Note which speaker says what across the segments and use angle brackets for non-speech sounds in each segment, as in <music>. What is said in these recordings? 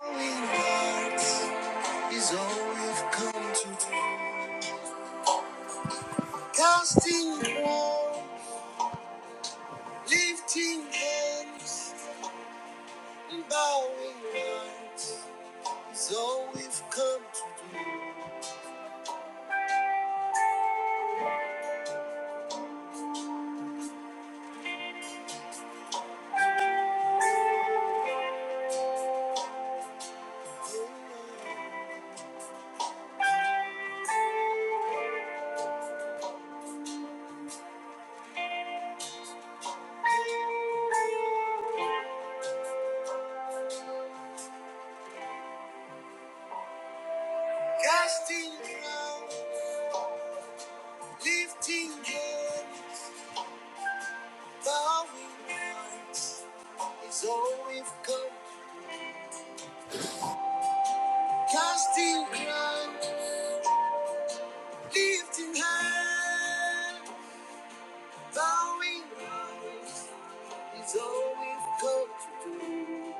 Speaker 1: Is all we've come to do. Casting crown, lifting hands, and bowing hearts is all we've come to do. Casting crown, lifting hands, bowing hearts is all we've come. Casting crown, lifting hands, bowing hearts. He's always come to do.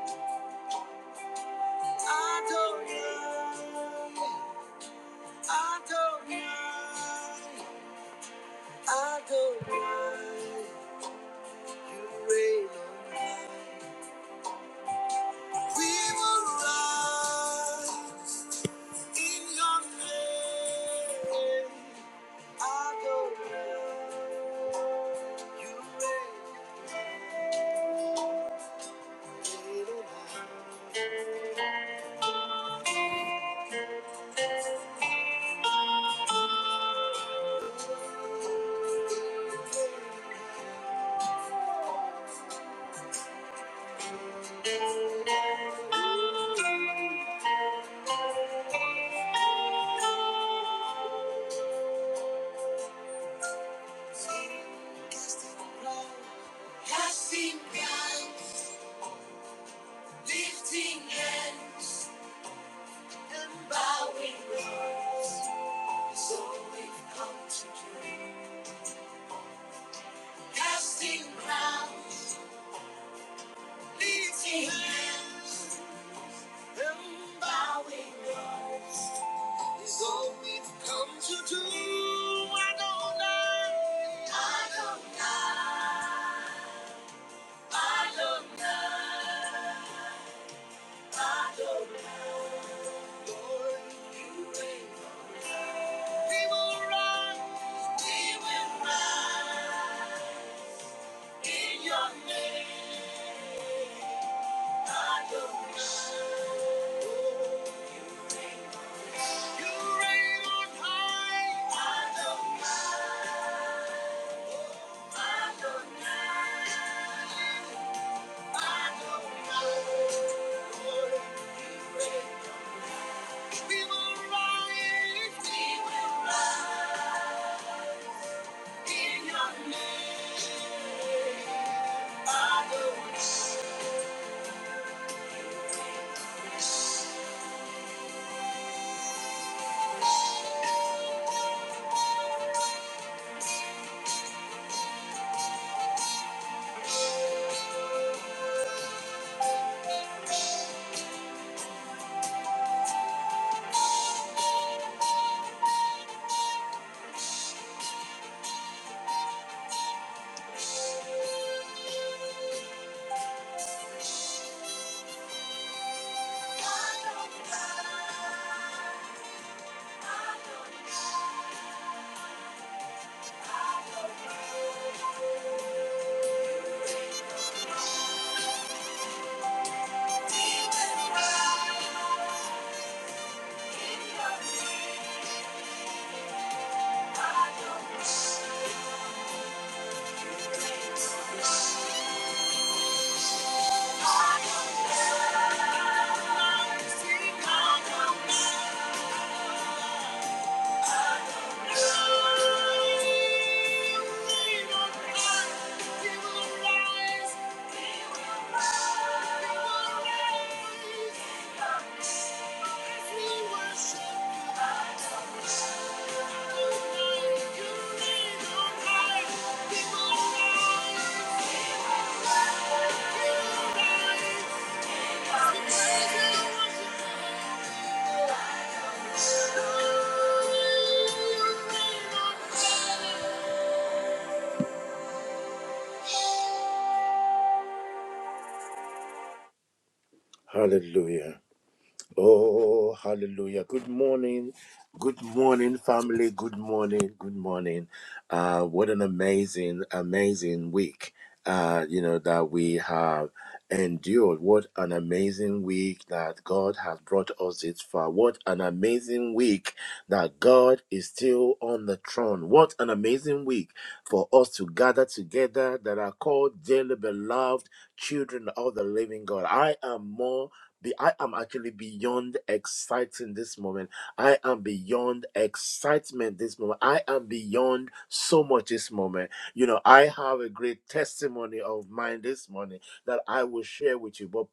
Speaker 1: Adonai, Adonai, Adonai, you reign on high. We will rise in your name. Adonai, you reign, on high. Sing, Casting crowns, casting crowns, lifting hands. bowing low. So we casting crowns, lifting hands, and bowing low. Is all we've come to do. Adonai, Adonai, Adonai, Adonai. Lord, you reign. will rise, we will rise in your name. I don't Thank you. People rise, People rise. people rise. Thank you. Hallelujah. Oh, hallelujah. Good morning. Good morning, family. Good morning. Good morning. Uh, what an amazing, amazing week, uh, you know, that we have endured. What an amazing week that God has brought us this far. What an amazing week that God is still on the, tr- the I, you know,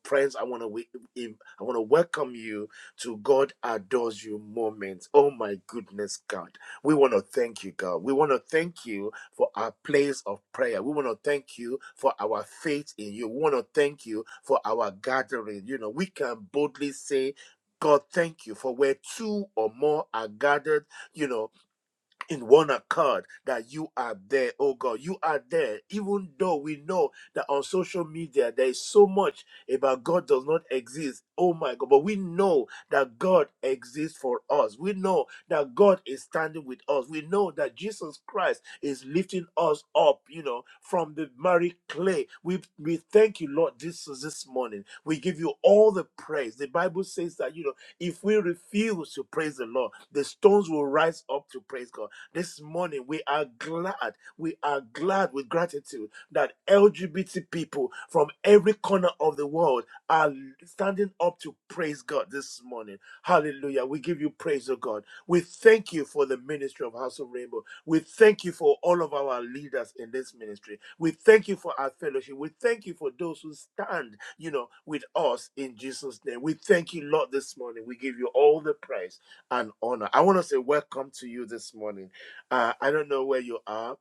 Speaker 1: friends, I want to I want to welcome you to God. Oh my good God, we want to thank you, God. We want to thank you for our place of prayer. We want to thank you for our faith in you. We want to thank you for our gathering. You know, we can boldly say. God, thank you for where two or more are gathered. You know, in one accord that you are there, oh God. You are there, even though we know that on social media there is so much about God does not exist, oh my God. But we know that God exists for us. We know that God is standing with us. We know that Jesus Christ is lifting us up, you know, from the miry clay. We, we thank you, Lord, this this morning. We give you all the praise. The Bible says that, you know, if we refuse to praise the Lord, the stones will rise up to praise God. This morning, we are glad. We are glad with gratitude that LGBT people from every corner of the world are standing up to praise God this morning. Hallelujah. We give you praise, oh God. We thank you for the ministry of House of Rainbow. We thank you for all of our leaders in this ministry. We thank you for our fellowship. We thank you for those who stand, you know, with us in Jesus' name. We thank you, Lord, this morning. We give you all the praise and honor. I want to say welcome to you this morning. Uh, I don't know where you are.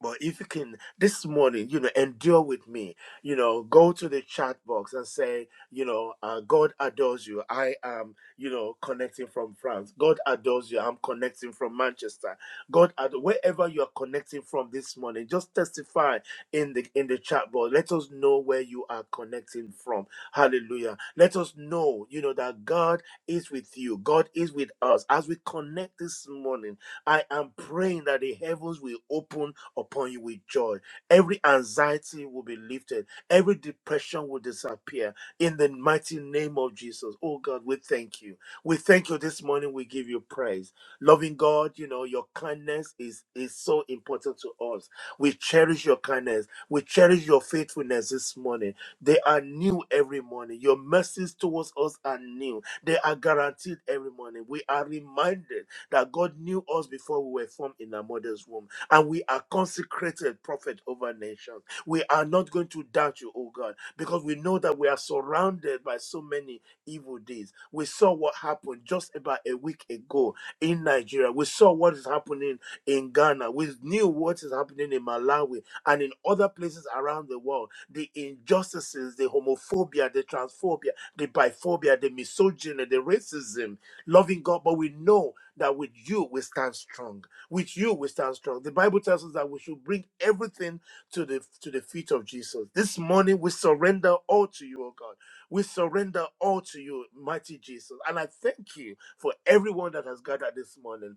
Speaker 1: But if you can this morning, you know, endure with me, you know, go to the chat box and say, you know, uh, God adores you. I am, you know, connecting from France. God adores you. I'm connecting from Manchester. God, ad- wherever you are connecting from this morning, just testify in the in the chat box. Let us know where you are connecting from. Hallelujah. Let us know, you know, that God is with you. God is with us as we connect this morning. I am praying that the heavens will open upon you with joy. Every anxiety will be lifted. Every depression will disappear in the mighty name of Jesus. Oh God, we thank you. We thank you this morning. We give you praise. Loving God, you know, your kindness is, is so important to us. We cherish your kindness. We cherish your faithfulness this morning. They are new every morning. Your mercies towards us are new. They are guaranteed every morning. We are reminded that God knew us before we were formed in our mother's womb and we are consecrated prophet over nations. We are not going to doubt you, oh God, because we know that we are surrounded by so many evil deeds. We saw what happened just about a week ago in Nigeria. We saw what is happening in Ghana. We knew what is happening in Malawi and in other places around the world. The injustices, the homophobia, the transphobia, the biphobia, the misogyny, the racism, loving God. But we know that with you we stand strong with you we stand strong. The Bible tells us that we should bring everything to the to the feet of Jesus. This morning we surrender all to you, oh God. We surrender all to you, mighty Jesus. And I thank you for everyone that has gathered this morning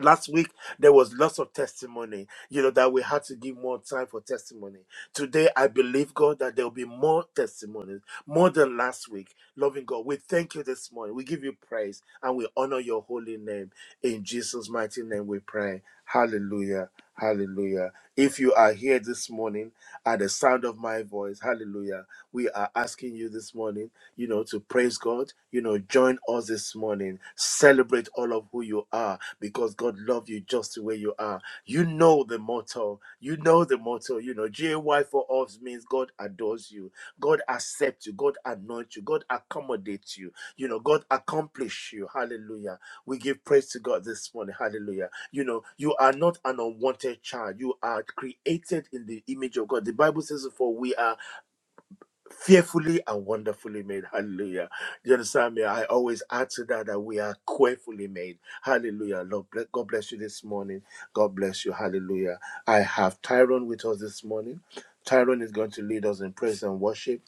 Speaker 1: last week there was lots of testimony you know that we had to give more time for testimony today i believe god that there will be more testimonies more than last week loving god we thank you this morning we give you praise and we honor your holy name in jesus mighty name we pray hallelujah hallelujah if you are here this morning at the sound of my voice hallelujah we are asking you this morning you know, to praise God, you know, join us this morning. Celebrate all of who you are because God loves you just the way you are. You know the motto. You know the motto. You know, GAY for us means God adores you. God accepts you. God anoints you. God accommodates you. You know, God accomplishes you. Hallelujah. We give praise to God this morning. Hallelujah. You know, you are not an unwanted child. You are created in the image of God. The Bible says, for we are fearfully and wonderfully made. Hallelujah. You understand me? I always add to that that we are carefully made. Hallelujah. Lord, ble- God bless you this morning. God bless you. Hallelujah. I have Tyrone with us this morning. Tyrone is going to lead us in praise and worship.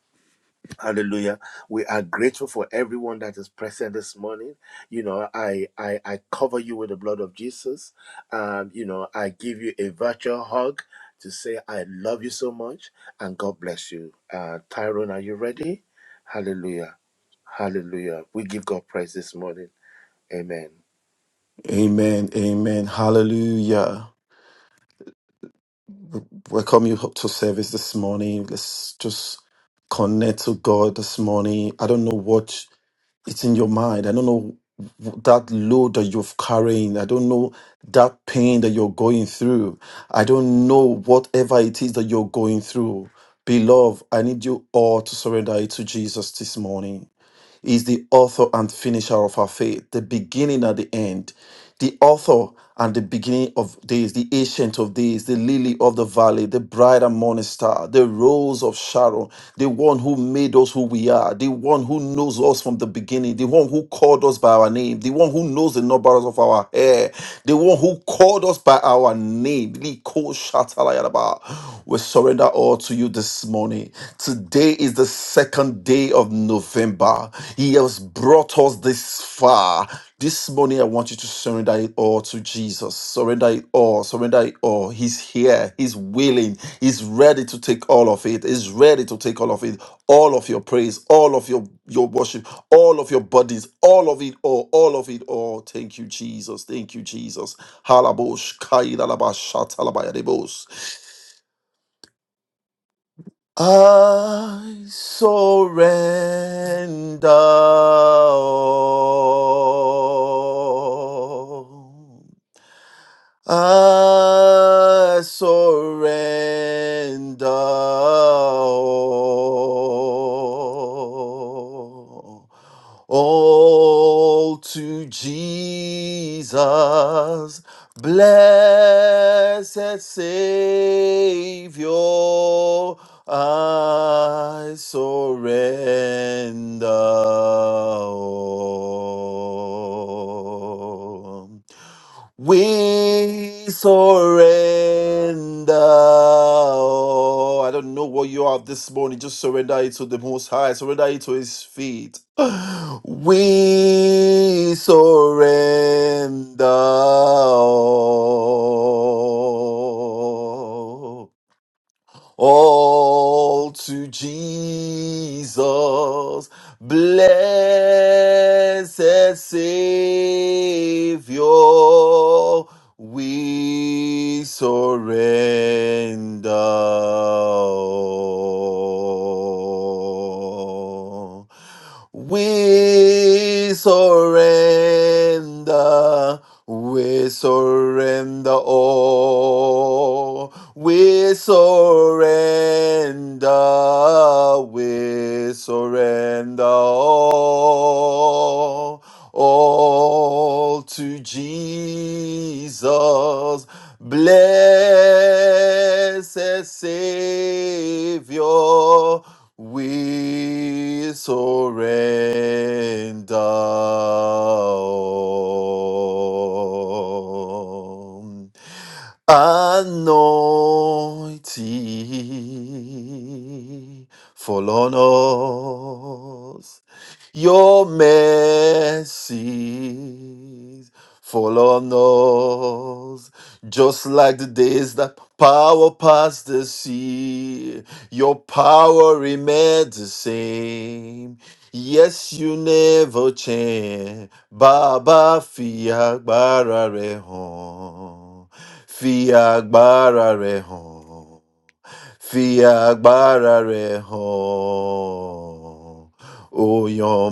Speaker 1: Hallelujah. We are grateful for everyone that is present this morning. You know, I I, I cover you with the blood of Jesus. Um, you know, I give you a virtual hug to say I love you so much and God bless you. Uh Tyrone, are you ready? Hallelujah. Hallelujah. We give God praise this morning. Amen.
Speaker 2: Amen. Amen. Hallelujah. We Welcome you up to service this morning. Let's just connect to God this morning. I don't know what it's in your mind. I don't know that load that you're carrying. I don't know that pain that you're going through. I don't know whatever it is that you're going through. Beloved, I need you all to surrender it to Jesus this morning is the author and finisher of our faith, the beginning and the end, the author and the beginning of days, the ancient of days, the lily of the valley, the bright and morning star, the rose of Sharon, the one who made us who we are, the one who knows us from the beginning, the one who called us by our name, the one who knows the numbers of our hair, the one who called us by our name. Liko Shatalayaraba. We surrender all to you this morning. Today is the second day of November. He has brought us this far. This morning, I want you to surrender it all to Jesus. Surrender it all. Surrender it all. He's here. He's willing. He's ready to take all of it. He's ready to take all of it. All of your praise, all of your, your worship, all of your bodies, all of it all, all of it all. Thank you, Jesus. Thank you, Jesus. Halabosh, kaidalabashatalabaya debos. I surrender all. I surrender all, all to Jesus, blessed Savior. I surrender all. We surrender. all. I don't know what you are this morning. Just surrender it to the Most High. Surrender it to His feet. <sighs> We surrender. Oh all to Jesus, blessed Savior, we surrender. all. We surrender, we surrender all. We surrender, we surrender all. All to Jesus, blessed Savior. Savior, we surrender. all. Anointing, fall on us. Your mercies fall on us, just like the days that power past the sea. Your power remains the same. Yes, you never change. Baba fi agbára rẹ hàn. Fi agbára rẹ hàn. Fi agbára rẹ hàn. O your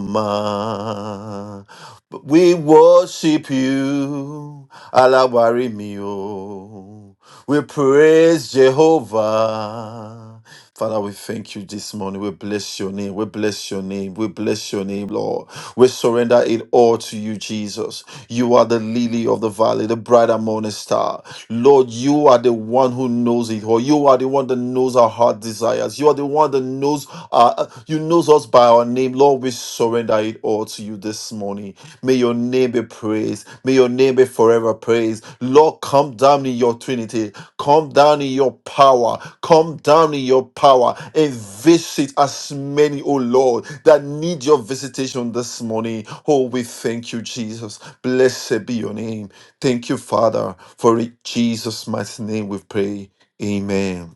Speaker 2: We worship you. Aláwárí mi o. We praise Jehovah. Father, we thank you this morning. We bless your name. We bless your name. We bless your name, Lord. We surrender it all to you, Jesus. You are the lily of the valley, the brighter morning star. Lord, you are the one who knows it all. You are the one that knows our heart desires. You are the one that knows uh, you knows us by our name. Lord, we surrender it all to you this morning. May your name be praised. May your name be forever praised. Lord, come down in your Trinity. Come down in your power. Come down in your power and visit as many, oh Lord, that need your visitation this morning. Oh, we thank you, Jesus. Blessed be your name. Thank you, Father, for in Jesus' mighty name we pray. Amen.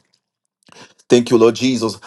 Speaker 2: Thank you, Lord Jesus.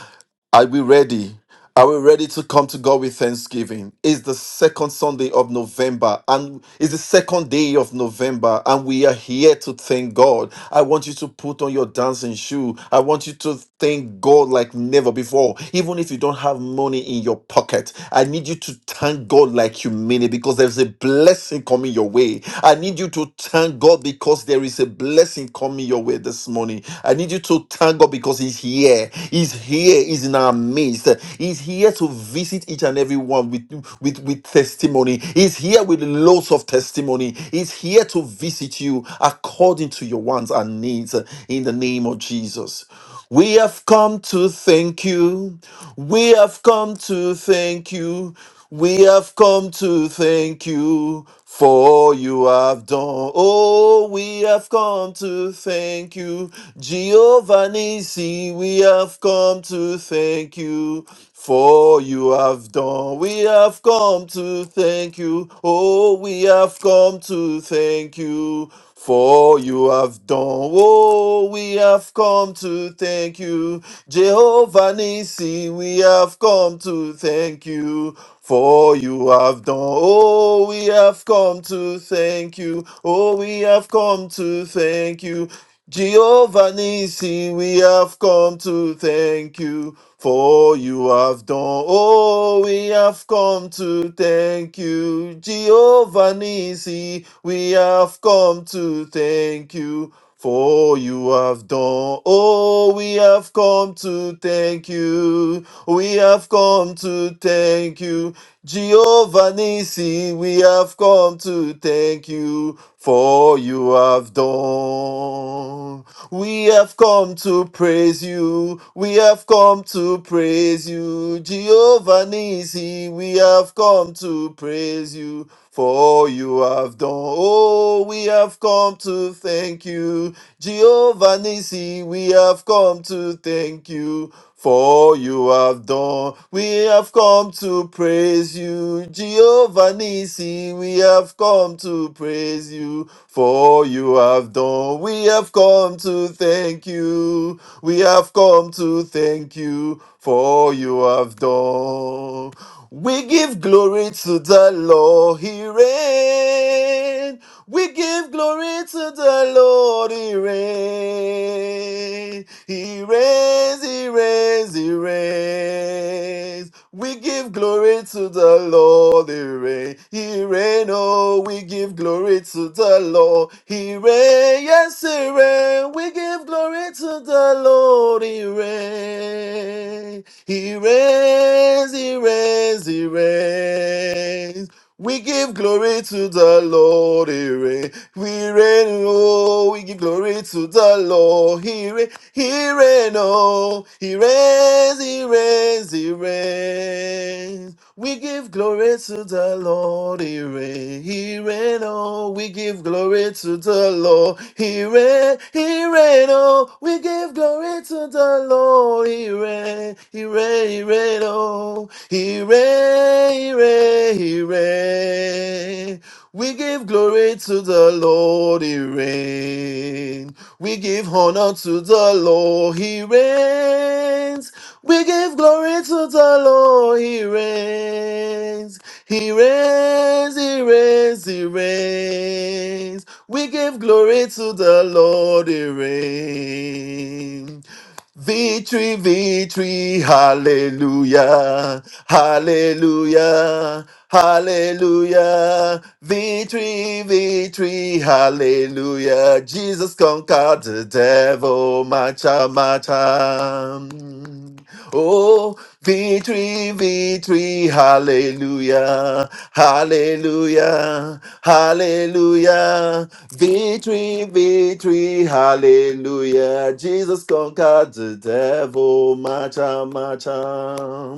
Speaker 2: Are we ready? Are we ready to come to God with thanksgiving? It's the second Sunday of November and it's the second day of November, and we are here to thank God. I want you to put on your dancing shoe. I want you to thank God like never before, even if you don't have money in your pocket. I need you to thank God like you mean it because there's a blessing coming your way. I need you to thank God because there is a blessing coming your way this morning. I need you to thank God because He's here. He's here, is in our midst. He's here to visit each and every one with, with, with testimony. He's here with loads of testimony. He's here to visit you according to your wants and needs uh, in the name of Jesus. We have come to thank you. We have come to thank you. We have come to thank you for you have done. Oh, we have come to thank you. Jehovah Nissi, we have come to thank you for you have done. We have come to thank you. Oh, we have come to thank you for you have done. Oh, we have come to thank you. Jehovah Nissi, we have come to thank you for you have done. Oh, we have come to thank you. Oh, we have come to thank you. Jehovah Nissi, we have come to thank you for you have done. Oh, we have come to thank you, Jehovah Nissi. We have come to thank you for you have done. Oh, we have come to thank you. We have come to thank you Jehovah Nissi, we have come to thank you for you have done. We have come to praise you. We have come to praise you. Jehovah Nissi, we have come to praise you for you have done. Oh, we have come to thank you. Jehovah Nissi, we have come to thank you for you have done. We have come to praise you, Jehovah Nissi. We have come to praise you, for you have done. We have come to thank you. We have come to thank you, for you have done. We give glory to the Lord, He reigns. We give glory to the Lord. He reigns. He reigns. He reigns. He reigns. We give glory to the Lord. He reigns. He reigns. Oh, we give glory to the Lord. He reigns. Yes, He reigns. We give glory to the Lord. He reigns. He reigns. He reigns. He reigns. We give glory to the Lord, He reign. We reign, oh, we give glory to the Lord, He reign, He reign, oh, He reigns, He reigns, He reigns. We give glory to the Lord, He reign, He reign, oh, we give glory to the Lord, He reign, He reign, oh, we give glory to the Lord, He reign, He reign, He reign, oh, hooray, hooray, hooray. We give glory to the Lord, he reigns. We give honor to the Lord, he reigns. We give glory to the Lord, he reigns. He reigns, he reigns, he reigns. We give glory to the Lord, he reigns. Victory, victory, hallelujah, hallelujah, hallelujah. Victory, victory, hallelujah. Jesus conquered the devil, macha, macha. Oh, victory, victory, hallelujah, hallelujah, hallelujah. Victory, victory, hallelujah. Jesus conquered the devil, macha, macha.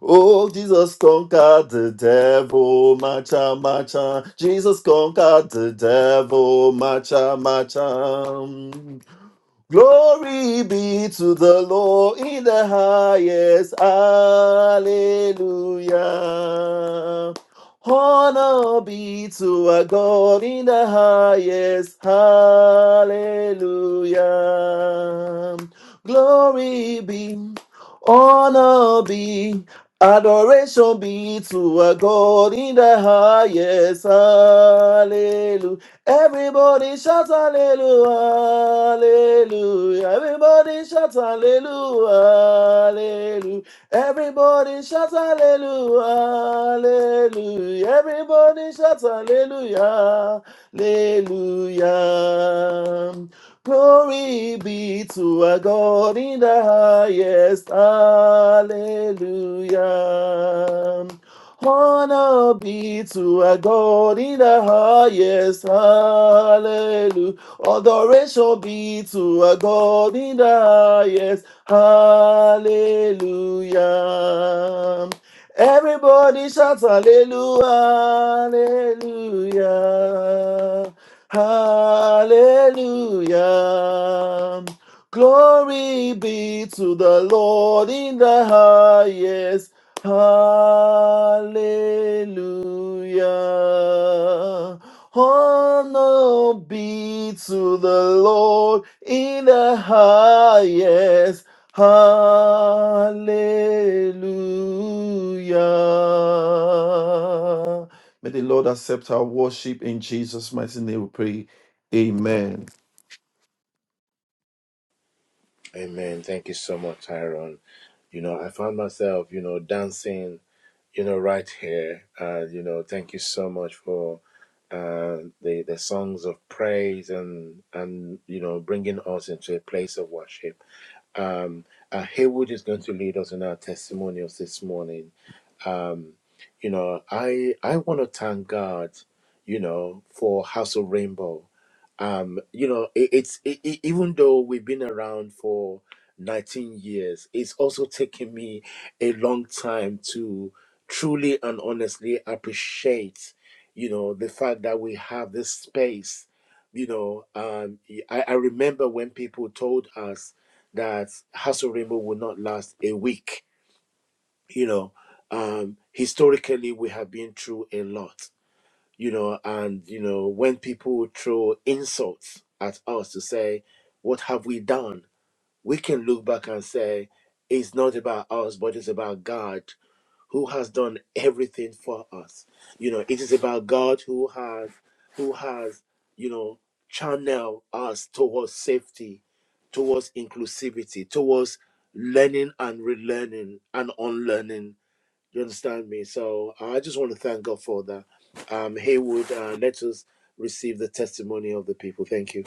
Speaker 2: Oh, Jesus conquered the devil, macha, macha. Jesus conquered the devil, macha, macha. Glory be to the Lord in the highest. Hallelujah. Honor be to our God in the highest. Hallelujah. Glory be, honor be, adoration be to our God in the highest. Hallelujah. Everybody shout hallelujah, hallelujah. Everybody shout hallelujah, hallelujah. Everybody shout hallelujah, hallelujah. Everybody shout hallelujah, hallelujah. Glory be to our God in the highest, hallelujah. Honor be to our God in the highest. Hallelujah. Adoration be to our God in the highest. Hallelujah. Everybody shout hallelujah. Hallelujah. Hallelujah. Glory be to the Lord in the highest. Hallelujah. Honor be to the Lord in the highest. Hallelujah. May the Lord accept our worship in Jesus' mighty name. We pray. Amen.
Speaker 1: Amen. Thank you so much, Tyrone. You know, I found myself, you know, dancing you know, right here. Uh, you know, thank you so much for uh, the the songs of praise and and you know bringing us into a place of worship. Um, uh, Haywood is going to lead us in our testimonials this morning um, you know, I I want to thank God, you know, for House of Rainbow. Um, you know, it, it's it, it- even though we've been around for 19 years, it's also taken me a long time to truly and honestly appreciate, you know, the fact that we have this space. You know, um, I, I remember when people told us that House of Rainbow would not last a week you know um historically we have been through a lot you know and you know when people throw insults at us to say what have we done we can look back and say it's not about us but it's about god who has done everything for us you know it is about god who has who has you know channel us towards safety towards inclusivity towards learning and relearning and unlearning you understand me? So I just want to thank God for that. Um, Haywood, uh, let us receive the testimony of the people. Thank you.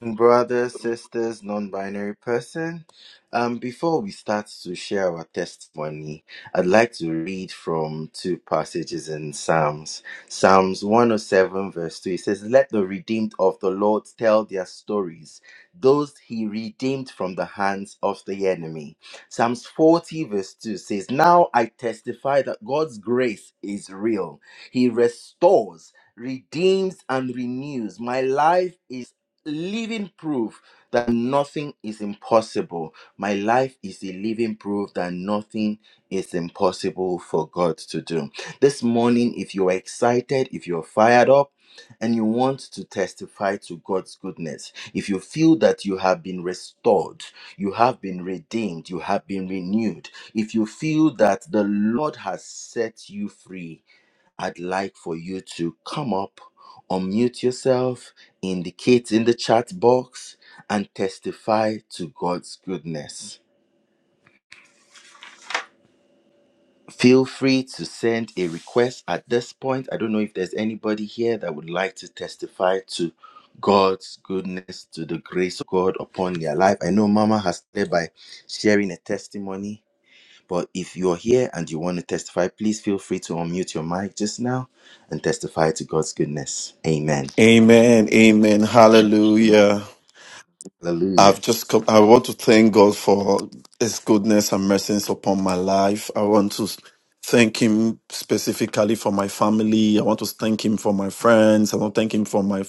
Speaker 3: brothers, sisters, non-binary person. Um, before we start to share our testimony, I'd like to read from two passages in Psalms. Psalms 107 verse 2, it says, Let the redeemed of the Lord tell their stories, those he redeemed from the hands of the enemy. Psalms 40, verse 2 says, Now I testify that God's grace is real. He restores, redeems, and renews. My life is living proof that nothing is impossible. My life is a living proof that nothing is impossible for God to do. This morning, if you're excited, if you're fired up, and you want to testify to God's goodness, if you feel that you have been restored, you have been redeemed, you have been renewed, if you feel that the Lord has set you free, I'd like for you to come up, unmute yourself, indicate in the chat box, and testify to God's goodness. Feel free to send a request at this point. I don't know if there's anybody here that would like to testify to God's goodness, to the grace of God upon their life. I know Mama has started by sharing a testimony, but if you're here and you want to testify, please feel free to unmute your mic just now and testify to God's goodness. Amen.
Speaker 2: Amen. Amen. Hallelujah.
Speaker 3: Hallelujah.
Speaker 2: I've just come, I want to thank God for His goodness and mercies upon my life. I want to thank Him specifically for my family. I want to thank Him for my friends. I want to thank Him for my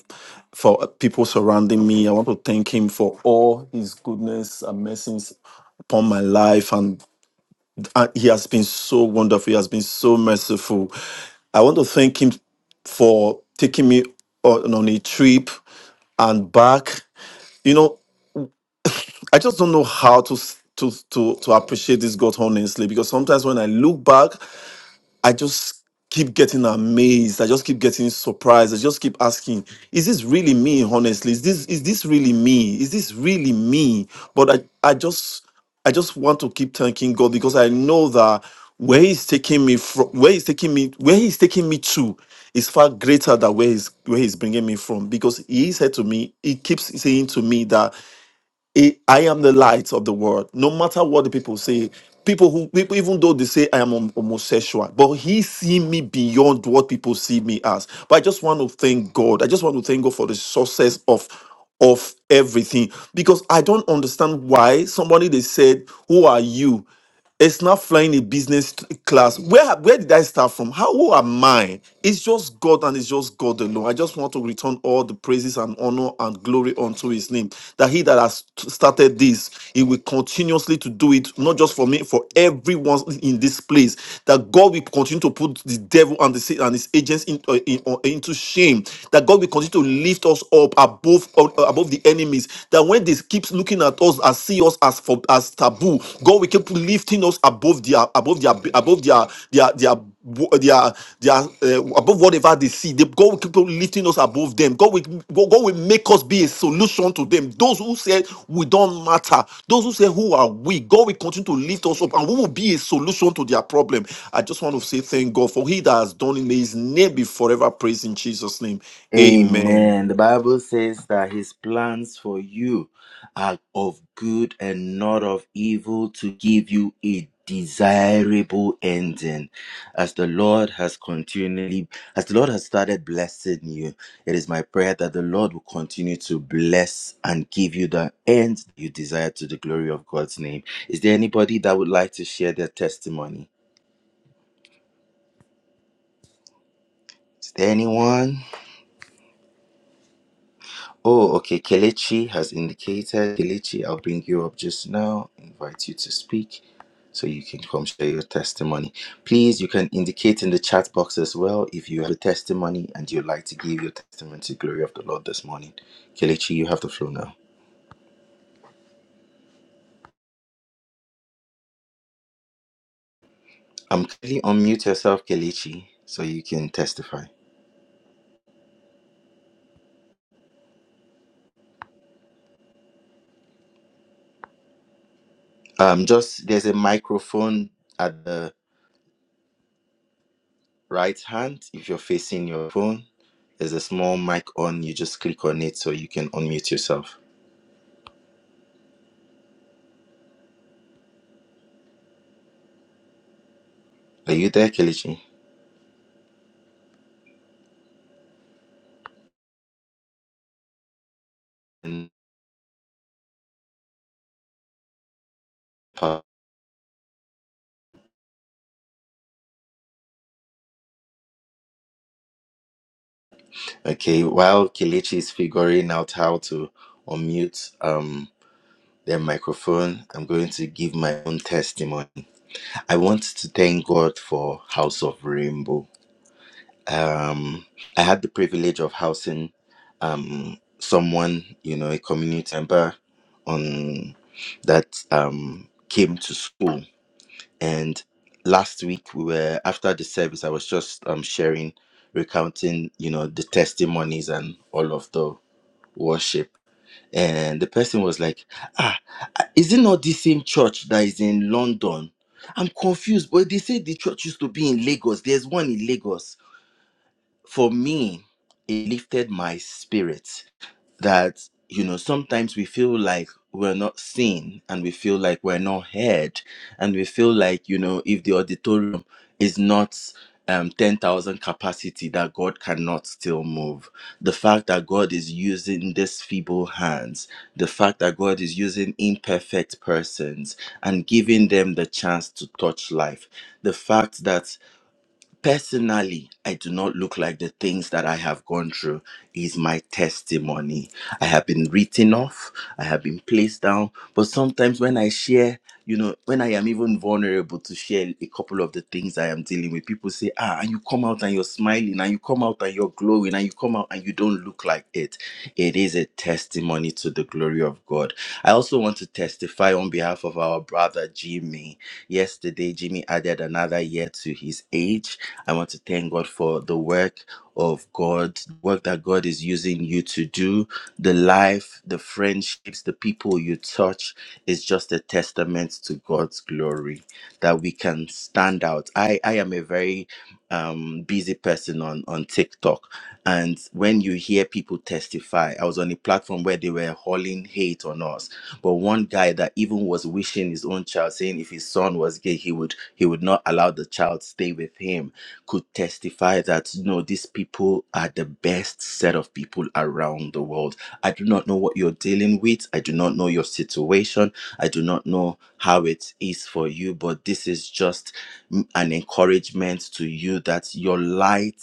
Speaker 2: for people surrounding me. I want to thank Him for all His goodness and mercies upon my life, and, and He has been so wonderful. He has been so merciful. I want to thank Him for taking me on, on a trip and back. You know, I just don't know how to s- to to to appreciate this God honestly because sometimes when I look back, I just keep getting amazed. I just keep getting surprised. I just keep asking, is this really me? Honestly, is this is this really me? Is this really me? But I I just I just want to keep thanking God because I know that where He's taking me from, where He's taking me, where He's taking me to, is far greater than where He's where He's bringing me from. Because He said to me, He keeps saying to me that it- I am the light of the world. No matter what the people say, people who people, even though they say I am hom- homosexual, but he see me beyond what people see me as. But I just want to thank God. I just want to thank God for the success of of everything because I don't understand why somebody they said, "Who are you?" It's not flying a business class. Where where did I start from? How who am I? It's just God and it's just God alone. I just want to return all the praises and honor and glory unto His name. That He that has started this, He will continuously to do it. Not just for me, for everyone in this place. That God will continue to put the devil and the sa- and his agents in, uh, in- uh, into shame. That God will continue to lift us up up above above the enemies. That when they keep looking at us and see us as for as taboo, God will keep lifting us above their above their above their their their their, their uh, above whatever they see. They, God will keep on lifting us above them. God will God God will make us be a solution to them. Those who say we don't matter, those who say who are we, God will continue to lift us up, and we will be a solution to their problem. I just want to say thank God for He that has done it. May His name be forever praised in Jesus' name. Amen.
Speaker 3: Amen. The Bible says that his plans for you are of good and not of evil to give you a desirable ending. As the Lord has continually, as the Lord has started blessing you, it is my prayer that the Lord will continue to bless and give you the end you desire to the glory of God's name. Is there anybody that would like to share their testimony? Is there anyone? Oh, okay. Kelechi has indicated. Kelechi, I'll bring you up just now, invite you to speak so you can come share your testimony. Please, you can indicate in the chat box as well if you have a testimony and you'd like to give your testimony to the glory of the Lord this morning. Kelechi, you have the floor now. Um, kindly unmute yourself, Kelechi, so you can testify. Um, just there's a microphone at the right hand if you're facing your phone. There's a small mic on, you just click on it so you can unmute yourself. Are you there, Kelechi? Okay, while Kelechi is figuring out how to unmute um their microphone, I'm going to give my own testimony. I want to thank God for House of Rainbow. Um, I had the privilege of housing um someone, you know, a community member on that um came to school. And last week we were after the service, I was just um sharing, recounting, you know, the testimonies and all of the worship. And the person was like, Ah, is it not the same church that is in London? I'm confused, but they say the church used to be in Lagos. There's one in Lagos. For me, it lifted my spirit that you know sometimes we feel like we're not seen and we feel like we're not heard and we feel like you know if the auditorium is not um 10,000 capacity that God cannot still move the fact that God is using these feeble hands the fact that God is using imperfect persons and giving them the chance to touch life the fact that personally i do not look like the things that i have gone through is my testimony i have been written off i have been placed down but sometimes when i share you know when i am even vulnerable to share a couple of the things i am dealing with people say ah and you come out and you're smiling and you come out and you're glowing and you come out and you don't look like it. It is a testimony to the glory of God. I also want to testify on behalf of our brother Jimmy. Yesterday, Jimmy added another year to his age. I want to thank God for the work of God, work that God is using you to do, the life, the friendships, the people you touch is just a testament to God's glory that we can stand out. I, I am a very um, busy person on, on TikTok. And when you hear people testify, I was on a platform where they were hurling hate on us. But one guy that even was wishing his own child, saying if his son was gay, he would he would not allow the child stay with him, could testify that no, these people are the best set of people around the world. I do not know what you're dealing with. I do not know your situation. I do not know how it is for you, but this is just mm, an encouragement to you that your light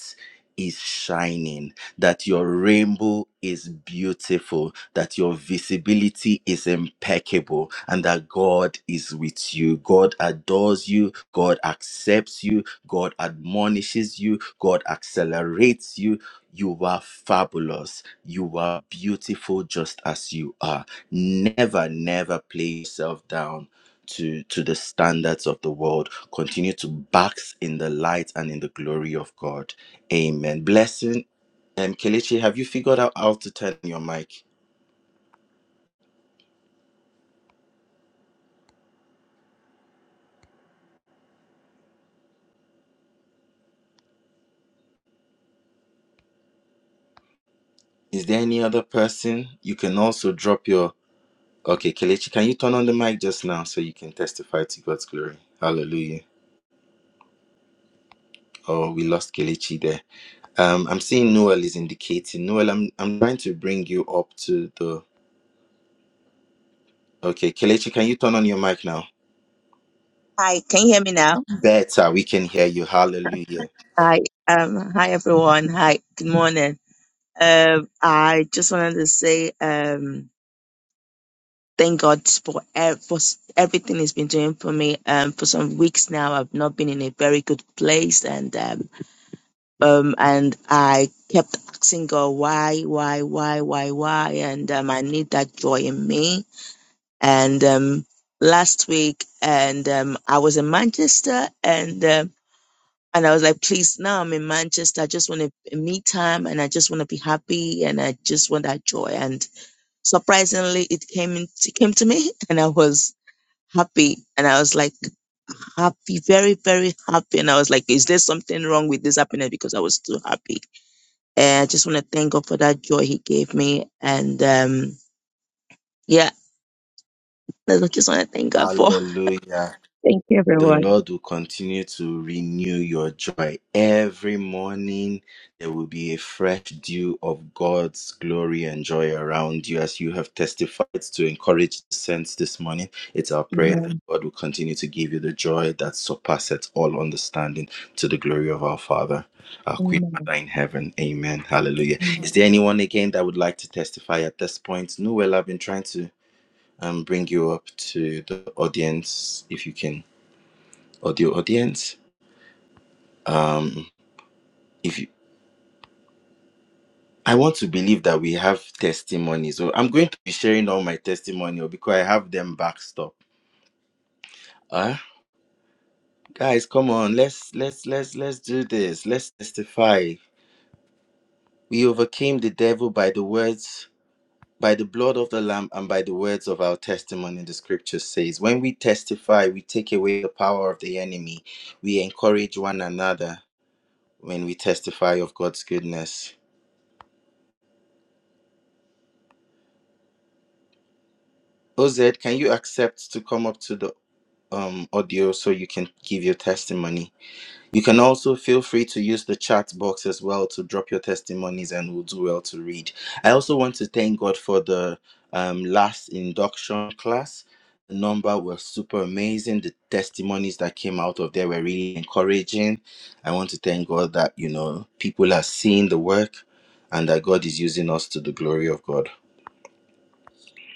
Speaker 3: is shining, that your rainbow is beautiful, that your visibility is impeccable, and that God is with you. God adores you, God accepts you, God admonishes you, God accelerates you. You are fabulous. You are beautiful just as you are. Never, never play yourself down to to the standards of the world continue to bask in the light and in the glory of god Amen. Blessing. And Kelechi, have you figured out how to turn your mic? Is there any other person you can also drop your? Okay, Kelechi, can you turn on the mic just now so you can testify to God's glory? Hallelujah. Oh, we lost Kelechi there. Um, I'm seeing Noel is indicating. Noel, I'm I'm trying to bring you up to the. Okay, Kelechi, can you turn on your mic now?
Speaker 4: Hi, can you hear me now?
Speaker 3: Better, we can hear you. Hallelujah.
Speaker 4: Hi, um, hi everyone. Hi, good morning. Um, I just wanted to say, um, thank God for, ev- for s- everything He's been doing for me. Um, for some weeks now, I've not been in a very good place, and um, um, and I kept asking God, why, why, why, why, why, and um, I need that joy in me. And um, last week, and um, I was in Manchester, and um. And I was like, please, now I'm in Manchester. I just want a a me time and I just want to be happy and I just want that joy. And surprisingly, it came in, it came to me <laughs> and I was happy. And I was like, happy, very, very happy. And I was like, is there something wrong with this happiness? Because I was too happy. And I just want to thank God for that joy he gave me. And um, yeah, that's what I just want to thank God for. <laughs>
Speaker 3: Hallelujah.
Speaker 4: Thank you,
Speaker 3: the
Speaker 4: everyone.
Speaker 3: Lord will continue to renew your joy. Every morning, there will be a fresh dew of God's glory and joy around you as you have testified to encourage the saints this morning. It's our prayer that God will continue to give you the joy that surpasses all understanding to the glory of our Father, our Queen
Speaker 4: Amen.
Speaker 3: Mother in heaven. Amen. Hallelujah. Is
Speaker 4: Amen.
Speaker 3: there anyone again that would like to testify at this point? Noel, I've been trying to um, bring you up to the audience if you can audio audience. Um, if you, I want to believe that we have testimonies, so I'm going to be sharing all my testimonial because I have them backed up. Ah, guys, come on, let's let's let's let's do this. Let's testify. We overcame the devil by the words, by the blood of the Lamb, and by the words of our testimony. The Scripture says, when we testify, we take away the power of the enemy. We encourage one another when we testify of God's goodness. Oz, can you accept to come up to the um, audio so you can give your testimony? You can also feel free to use the chat box as well to drop your testimonies and we'll do well to read. I also want to thank God for the um, last induction class. The number were super amazing. The testimonies that came out of there were really encouraging. I want to thank God that, you know, people are seeing the work and that God is using us to the glory of God.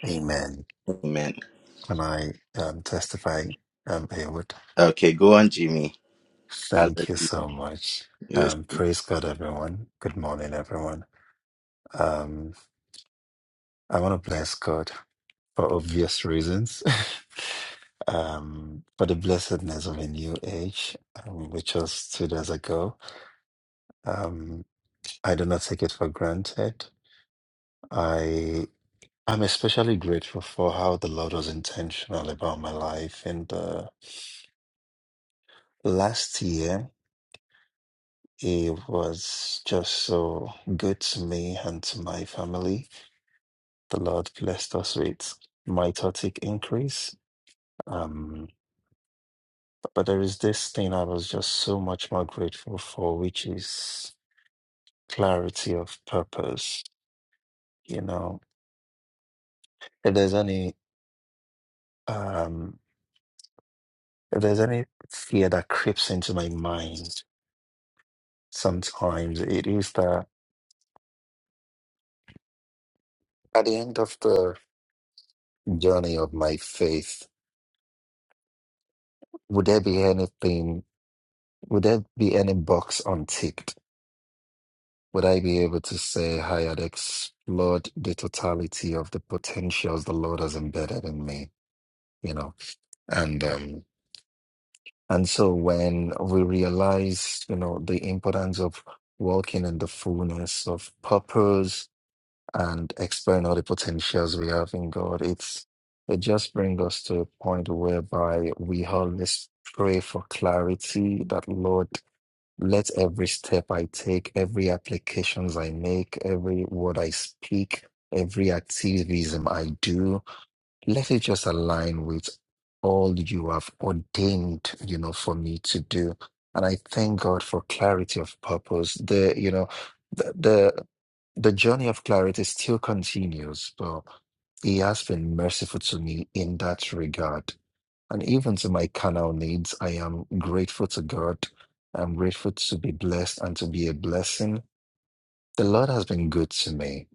Speaker 5: Amen.
Speaker 3: Amen.
Speaker 5: And I um, testify, um, Haywood.
Speaker 3: Okay, go on, Jimmy.
Speaker 5: Thank you
Speaker 3: Hallelujah.
Speaker 5: so much.
Speaker 3: Yes.
Speaker 5: Um, praise God, everyone. Good morning, everyone. Um, I want to bless God for obvious reasons, <laughs> um, for the blessedness of a new age, um, which was two days ago. Um, I do not take it for granted. I I'm especially grateful for how the Lord was intentional about my life in the last year It was just so good to me and to my family. The Lord blessed us with mitotic increase. Um, but there is this thing I was just so much more grateful for, which is clarity of purpose. You know, if there's any um, if there's any fear that creeps into my mind, sometimes it is that at the end of the journey of my faith, would there be anything? Would there be any box unticked? Would I be able to say, Hi, I'd explored the totality of the potentials the Lord has embedded in me, you know? And um and so when we realize, you know, the importance of walking in the fullness of purpose and exploring all the potentials we have in God, it's it just brings us to a point whereby we always pray for clarity that Lord Let every step I take, every applications I make, every word I speak, every activism I do, let it just align with all you have ordained, you know, for me to do. And I thank God for clarity of purpose. The, you know, the the, the journey of clarity still continues, but He has been merciful to me in that regard and even to my carnal needs, I am grateful to God. I'm grateful to be blessed and to be a blessing. The Lord has been good to me.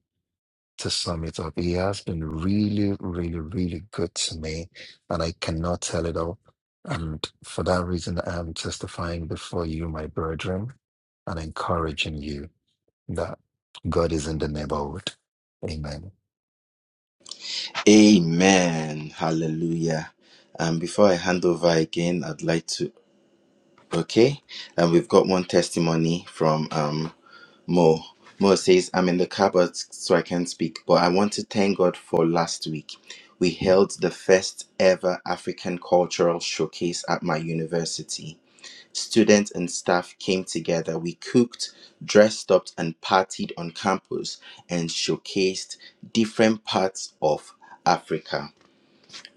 Speaker 5: To sum it up, He has been really, really, really good to me, and I cannot tell it all. And for that reason, I am testifying before you, my brethren, and encouraging you that God is in the neighborhood. Amen.
Speaker 3: Amen. Hallelujah. And before I hand over again, I'd like to. Okay. And we've got one testimony from um, Mo. Mo says, I'm in the car, but so I can't speak. But I want to thank God for last week. We held the first ever African cultural showcase at my university. Students and staff came together. We cooked, dressed up, and partied on campus and showcased different parts of Africa.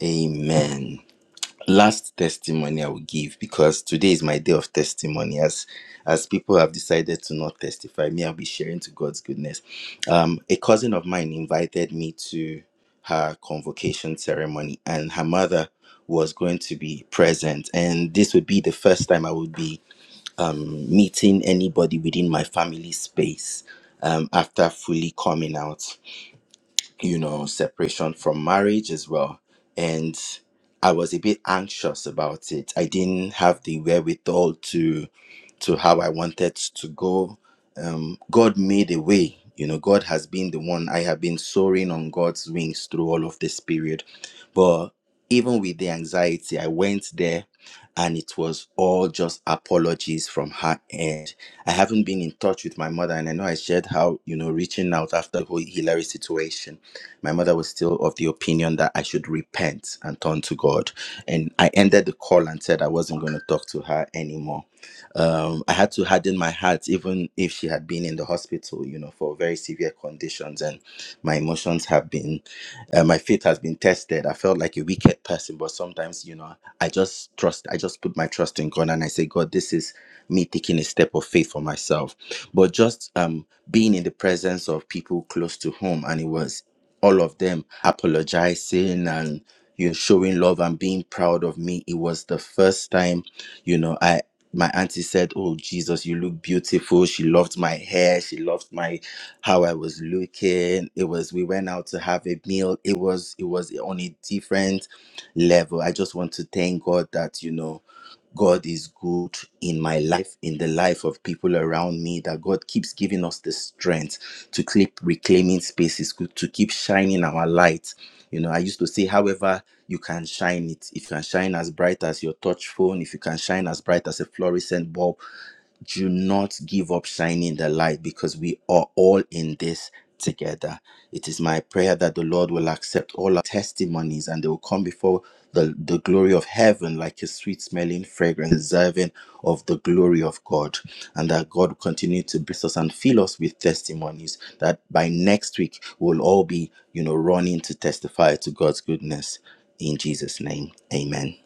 Speaker 3: Amen. Last testimony I will give because today is my day of testimony. As as people have decided to not testify, me I'll be sharing to God's goodness. Um, a cousin of mine invited me to her convocation ceremony, and her mother was going to be present, and this would be the first time I would be meeting anybody within my family space um, after fully coming out, you know, separation from marriage as well. And I was a bit anxious about it. I didn't have the wherewithal to to how I wanted to go. Um, God made a way. You know, God has been the one I have been soaring on God's wings through all of this period. But even with the anxiety, I went there and it was all just apologies from her end. I haven't been in touch with my mother, and I know I shared how, you know, reaching out after the whole Hillary situation, my mother was still of the opinion that I should repent and turn to God. And I ended the call and said I wasn't going to talk to her anymore um, I had to harden my heart, even if she had been in the hospital, you know, for very severe conditions. And my emotions have been, uh, my faith has been tested. I felt like a wicked person, but sometimes, you know, I just trust, I just put my trust in God and I say, God, this is me taking a step of faith for myself. But just um, being in the presence of people close to home, and it was all of them apologizing and you're showing love and being proud of me. It was the first time, you know, I my auntie said, Oh Jesus, you look beautiful. She loved my hair. She loved my how I was looking. It was we went out to have a meal. It was it was on a different level. I just want to thank God that, you know. God is good in my life, in the life of people around me, that God keeps giving us the strength to keep reclaiming spaces, to to keep shining our light. You know, I used to say, however, you can shine it. If you can shine as bright as your touch phone, if you can shine as bright as a fluorescent bulb, do not give up shining the light because we are all in this together. It is my prayer that the Lord will accept all our testimonies and they will come before the, the glory of heaven like a sweet smelling fragrance, deserving of the glory of God. And that God will continue to bless us and fill us with testimonies that by next week we'll all be, you know, running to testify to God's goodness. In Jesus' name, amen.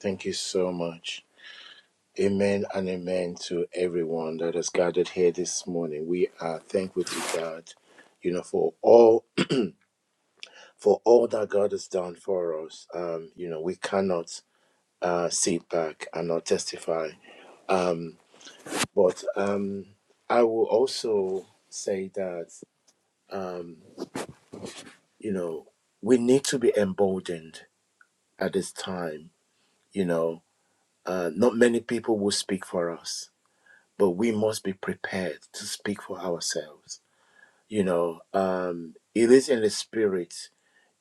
Speaker 1: Thank you so much. Amen and amen to everyone that has gathered here this morning. We are thankful to God, you know, for all <clears throat> for all that God has done for us. Um, you know, we cannot uh, sit back and not testify. Um, but um, I will also say that. um, you know, we need to be emboldened at this time. You know, uh, not many people will speak for us, but we must be prepared to speak for ourselves. You know, um, it is in the spirit,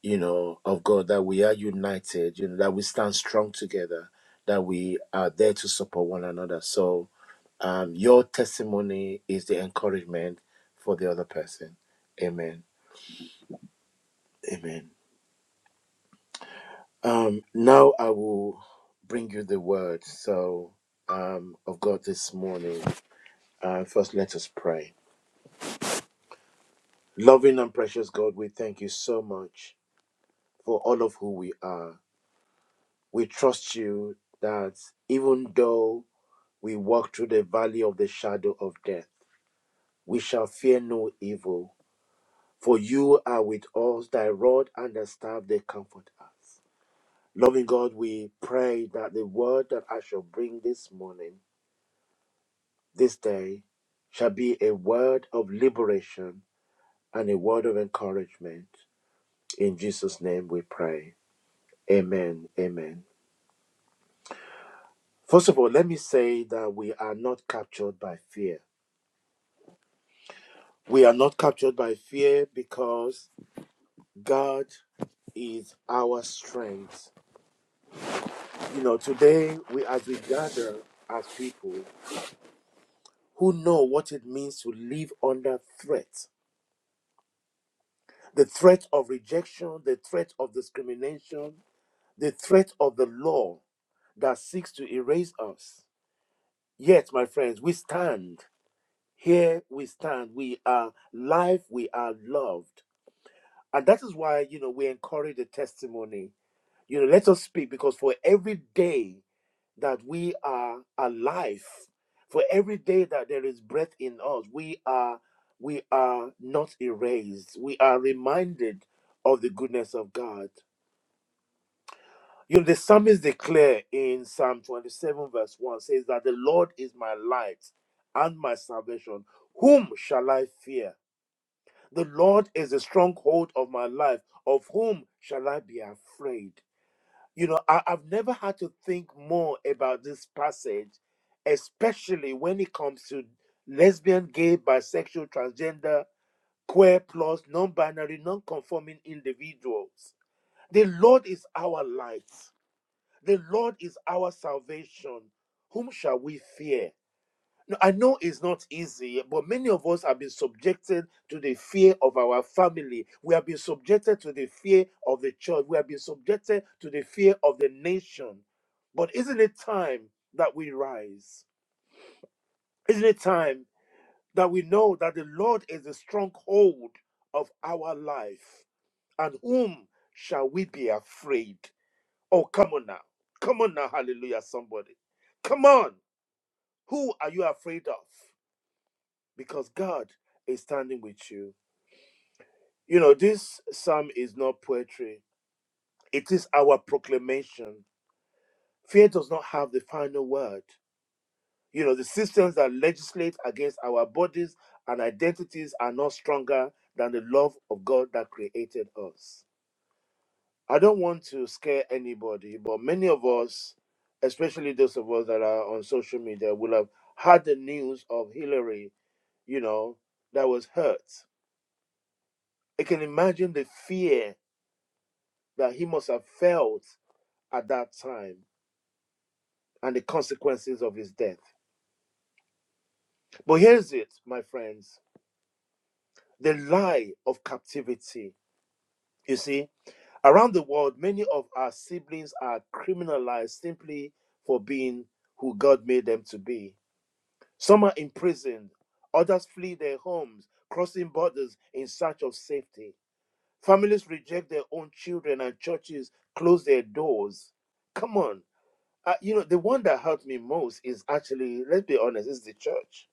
Speaker 1: you know, of God that we are united, you know, that we stand strong together, that we are there to support one another. So um, your testimony is the encouragement for the other person. Amen. Amen. Um, now I will bring you the word. So, um, of God this morning. Uh, first, let us pray. Loving and precious God, we thank you so much for all of who we are. We trust you that even though we walk through the valley of the shadow of death, we shall fear no evil. For you are with us, thy rod and thy staff, they comfort us. Loving God, we pray that the word that I shall bring this morning this day shall be a word of liberation and a word of encouragement. In Jesus' name we pray. Amen. Amen. First of all, let me say that we are not captured by fear. We are not captured by fear because God is our strength. You know, today we as we gather as people who know what it means to live under threat. The threat of rejection, the threat of discrimination, the threat of the law, that seeks to erase us. Yet, my friends, we stand. Here we stand. We are life. We are loved. And that is why, you know, we encourage the testimony. You know, let us speak because for every day that we are alive, for every day that there is breath in us, we are we are not erased. We are reminded of the goodness of God. You know, the psalmist declare in Psalm 27, verse 1 says that the Lord is my light and my salvation. Whom shall I fear? The Lord is the stronghold of my life. Of whom shall I be afraid? You know, I, I've never had to think more about this passage, especially when it comes to lesbian, gay, bisexual, transgender, queer plus, non binary, non conforming individuals. The Lord is our light. The Lord is our salvation. Whom shall we fear? Now, I know it's not easy, but many of us have been subjected to the fear of our family. We have been subjected to the fear of the church. We have been subjected to the fear of the nation. But isn't it time that we rise? Isn't it time that we know that the Lord is the stronghold of our life? And whom shall we be afraid? Oh, come on now. Come on now, hallelujah, somebody. Come on. Who are you afraid of? Because God is standing with you. You know, this psalm is not poetry, it is our proclamation. Fear does not have the final word. You know, the systems that legislate against our bodies and identities are not stronger than the love of God that created us. I don't want to scare anybody, but many of us, especially those of us that are on social media, will have had the news of Hillary, you know, that was hurt. I can imagine the fear that he must have felt at that time and the consequences of his death. But here's it, my friends the lie of captivity. You see, around the world, many of our siblings are criminalized simply for being who God made them to be Some are imprisoned, others flee their homes, crossing borders in search of safety. Families reject their own children, and churches close their doors. Come on. Uh, you know, the one that hurt me most is actually, let's be honest, is the church.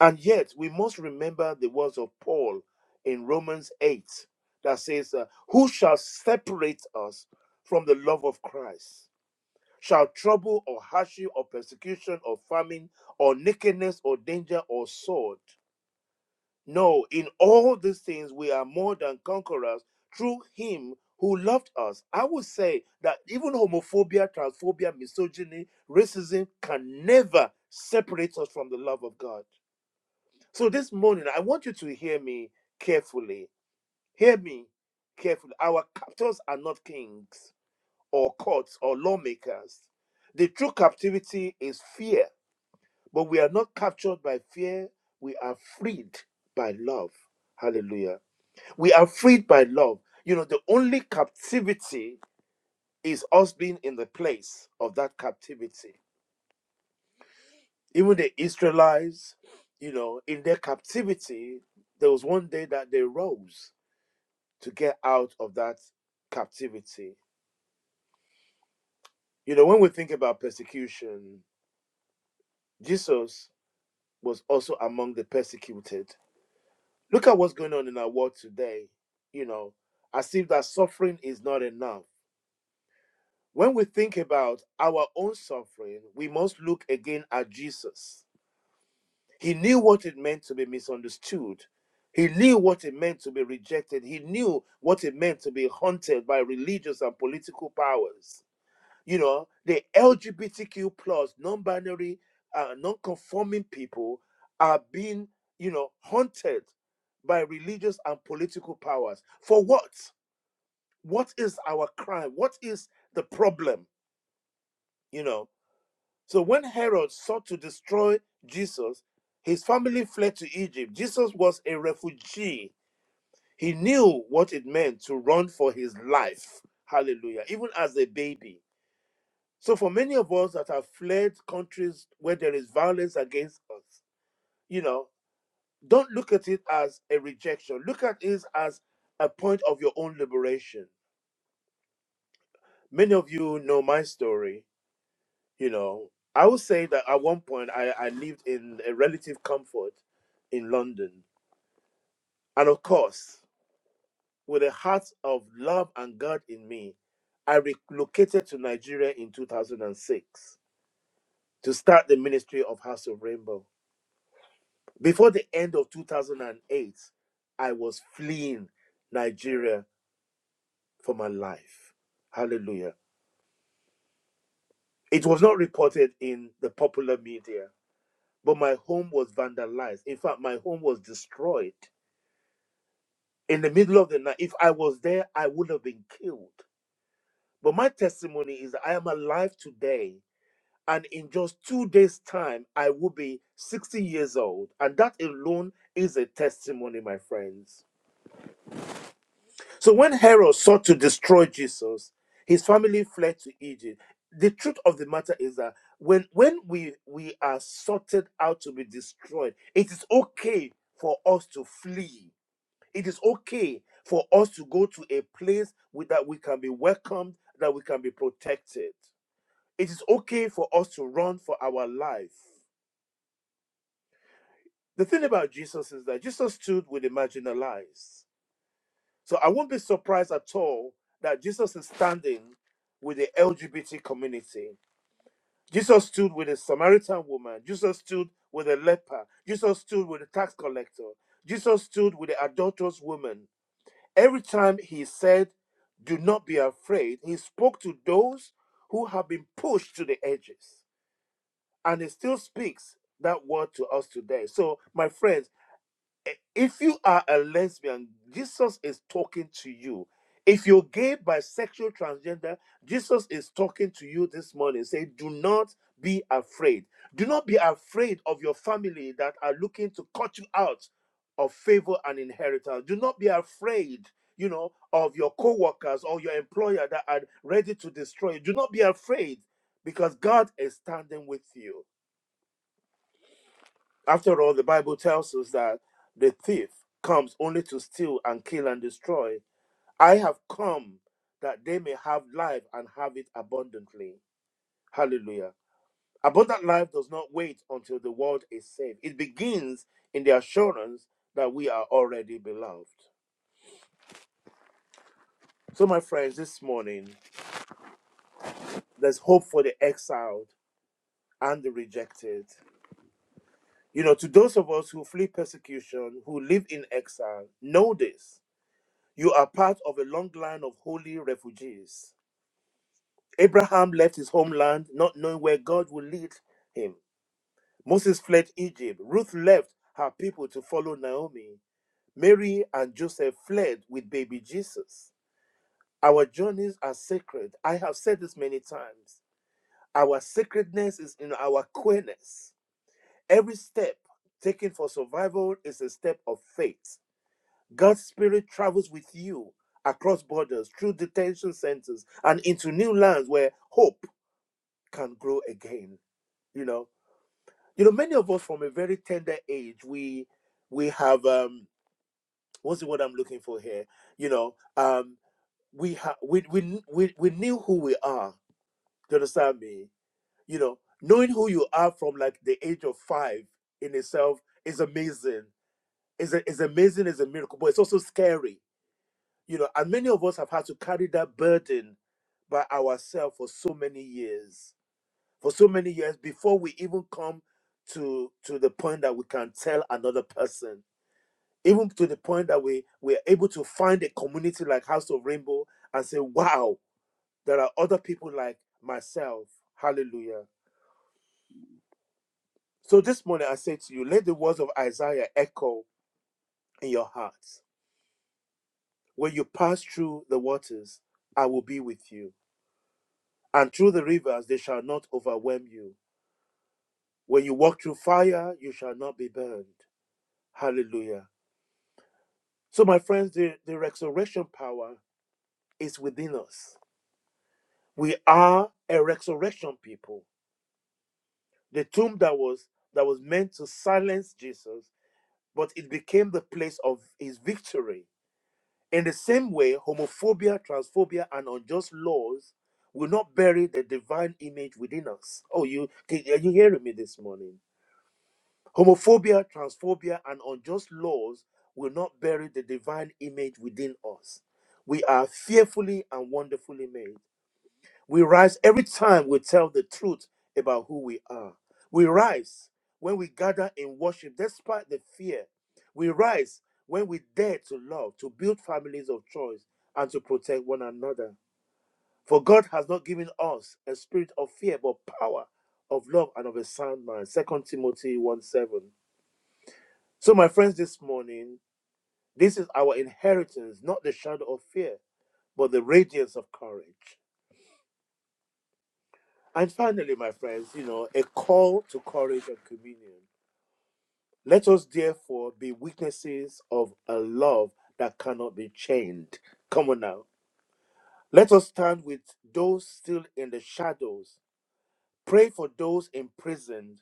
Speaker 1: And yet, we must remember the words of Paul in Romans 8 that says, uh, Who shall separate us from the love of Christ? shall trouble or hardship or persecution or famine or nakedness or danger or sword. No, in all these things we are more than conquerors through him who loved us. I would say that even homophobia, transphobia, misogyny, racism can never separate us from the love of God. So this morning, I want you to hear me carefully. Hear me carefully. Our captors are not kings or courts or lawmakers. The true captivity is fear, but we are not captured by fear. We are freed by love. Hallelujah. We are freed by love. You know, the only captivity is us being in the place of that captivity. Even the Israelites, you know, in their captivity, there was one day that they rose to get out of that captivity. You know, when we think about persecution, Jesus was also among the persecuted. Look at what's going on in our world today, you know, as if that suffering is not enough. When we think about our own suffering, we must look again at Jesus. He knew what it meant to be misunderstood. He knew what it meant to be rejected. He knew what it meant to be haunted by religious and political powers. you know the lgbtq plus non-binary uh, non-conforming people are being you know haunted by religious and political powers for what what is our crime what is the problem you know so when herod sought to destroy jesus his family fled to egypt jesus was a refugee he knew what it meant to run for his life hallelujah even as a baby So for many of us that have fled countries where there is violence against us, you know, don't look at it as a rejection. Look at it as a point of your own liberation. Many of you know my story, you know. I would say that at one point I, I lived in a relative comfort in London. And of course, with a heart of love and God in me, I relocated to Nigeria in 2006 to start the ministry of House of Rainbow. Before the end of 2008, I was fleeing Nigeria for my life. Hallelujah. It was not reported in the popular media, but my home was vandalized. In fact, my home was destroyed in the middle of the night. If I was there, I would have been killed. But my testimony is that I am alive today. And in just two days' time, I will be 60 years old. And that alone is a testimony, my friends. So when Herod sought to destroy Jesus, his family fled to Egypt. The truth of the matter is that when when we we are sorted out to be destroyed, it is okay for us to flee. It is okay for us to go to a place with, that we can be welcomed, that we can be protected. It is okay for us to run for our life. The thing about Jesus is that Jesus stood with the marginalized. So I won't be surprised at all that Jesus is standing with the LGBT community. Jesus stood with a Samaritan woman. Jesus stood with a leper. Jesus stood with a tax collector. Jesus stood with the adulterous woman. Every time he said, Do not be afraid, he spoke to those who have been pushed to the edges. And he still speaks that word to us today. So, my friends, if you are a lesbian, Jesus is talking to you. If you're gay, bisexual, transgender, Jesus is talking to you this morning. Say, do not be afraid. Do not be afraid of your family that are looking to cut you out of favor and inheritance. Do not be afraid, you know, of your co-workers or your employer that are ready to destroy you. Do not be afraid because God is standing with you. After all, the Bible tells us that the thief comes only to steal and kill and destroy. I have come that they may have life and have it abundantly. Hallelujah. Abundant life does not wait until the world is saved, it begins in the assurance that we are already beloved. So, my friends, this morning, there's hope for the exiled and the rejected. You know, to those of us who flee persecution, who live in exile, know this You are part of a long line of holy refugees. Abraham left his homeland not knowing where God would lead him. Moses fled Egypt. Ruth left her people to follow Naomi. Mary and Joseph fled with baby Jesus. Our journeys are sacred. I have said this many times. Our sacredness is in our queerness. Every step taken for survival is a step of faith. God's Spirit travels with you across borders, through detention centers, and into new lands where hope can grow again. You know, you know, many of us from a very tender age, we we have um, what's the word I'm looking for here? You know, um, we have we, we we we knew who we are. Do you understand me? You know, knowing who you are from like the age of five in itself is amazing. Is a- is amazing is a miracle, but it's also scary You know, and many of us have had to carry that burden by ourselves for so many years, for so many years before we even come to to the point that we can tell another person, even to the point that we we are able to find a community like House of Rainbow and say, "Wow, there are other people like myself." Hallelujah. So this morning I say to you, let the words of Isaiah echo in your hearts. When you pass through the waters, I will be with you. And through the rivers they shall not overwhelm you. When you walk through fire, you shall not be burned. Hallelujah. So, my friends, the, the resurrection power is within us. We are a resurrection people. The tomb that was that was meant to silence Jesus, but it became the place of his victory. In the same way, homophobia, transphobia, and unjust laws will not bury the divine image within us. Oh, you are you hearing me this morning? Homophobia, transphobia, and unjust laws will not bury the divine image within us. We are fearfully and wonderfully made. We rise every time we tell the truth about who we are. We rise when we gather in worship despite the fear. We rise when we dare to love, to build families of choice, and to protect one another. For God has not given us a spirit of fear, but power, of love, and of a sound mind. Second Timothy 1 7. So, my friends, this morning, this is our inheritance, not the shadow of fear, but the radiance of courage. And finally, my friends, you know, a call to courage and communion. Let us therefore be witnesses of a love that cannot be chained. Come on now. Let us stand with those still in the shadows, pray for those imprisoned,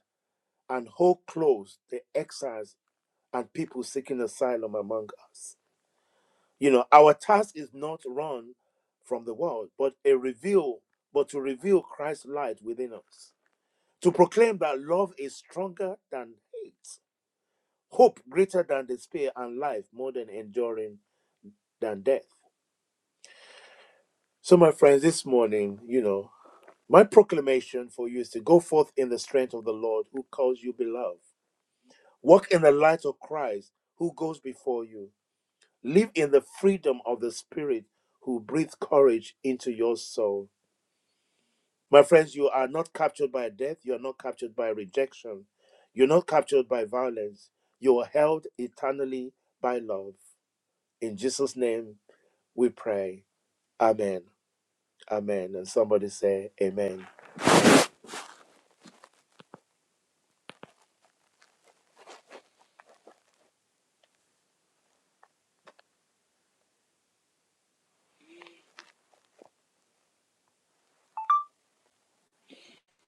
Speaker 1: and hold close the exiles and people seeking asylum among us. You know, our task is not run from the world, but a reveal, but to reveal Christ's light within us. To proclaim that love is stronger than hate, hope greater than despair, and life more than enduring than death. So, my friends, this morning, you know, my proclamation for you is to go forth in the strength of the Lord who calls you beloved. Walk in the light of Christ who goes before you. Live in the freedom of the Spirit who breathes courage into your soul My friends, you are not captured by death. You are not captured by rejection. You're not captured by violence. You are held eternally by love. In Jesus' name we pray. Amen. Amen. And somebody say, Amen.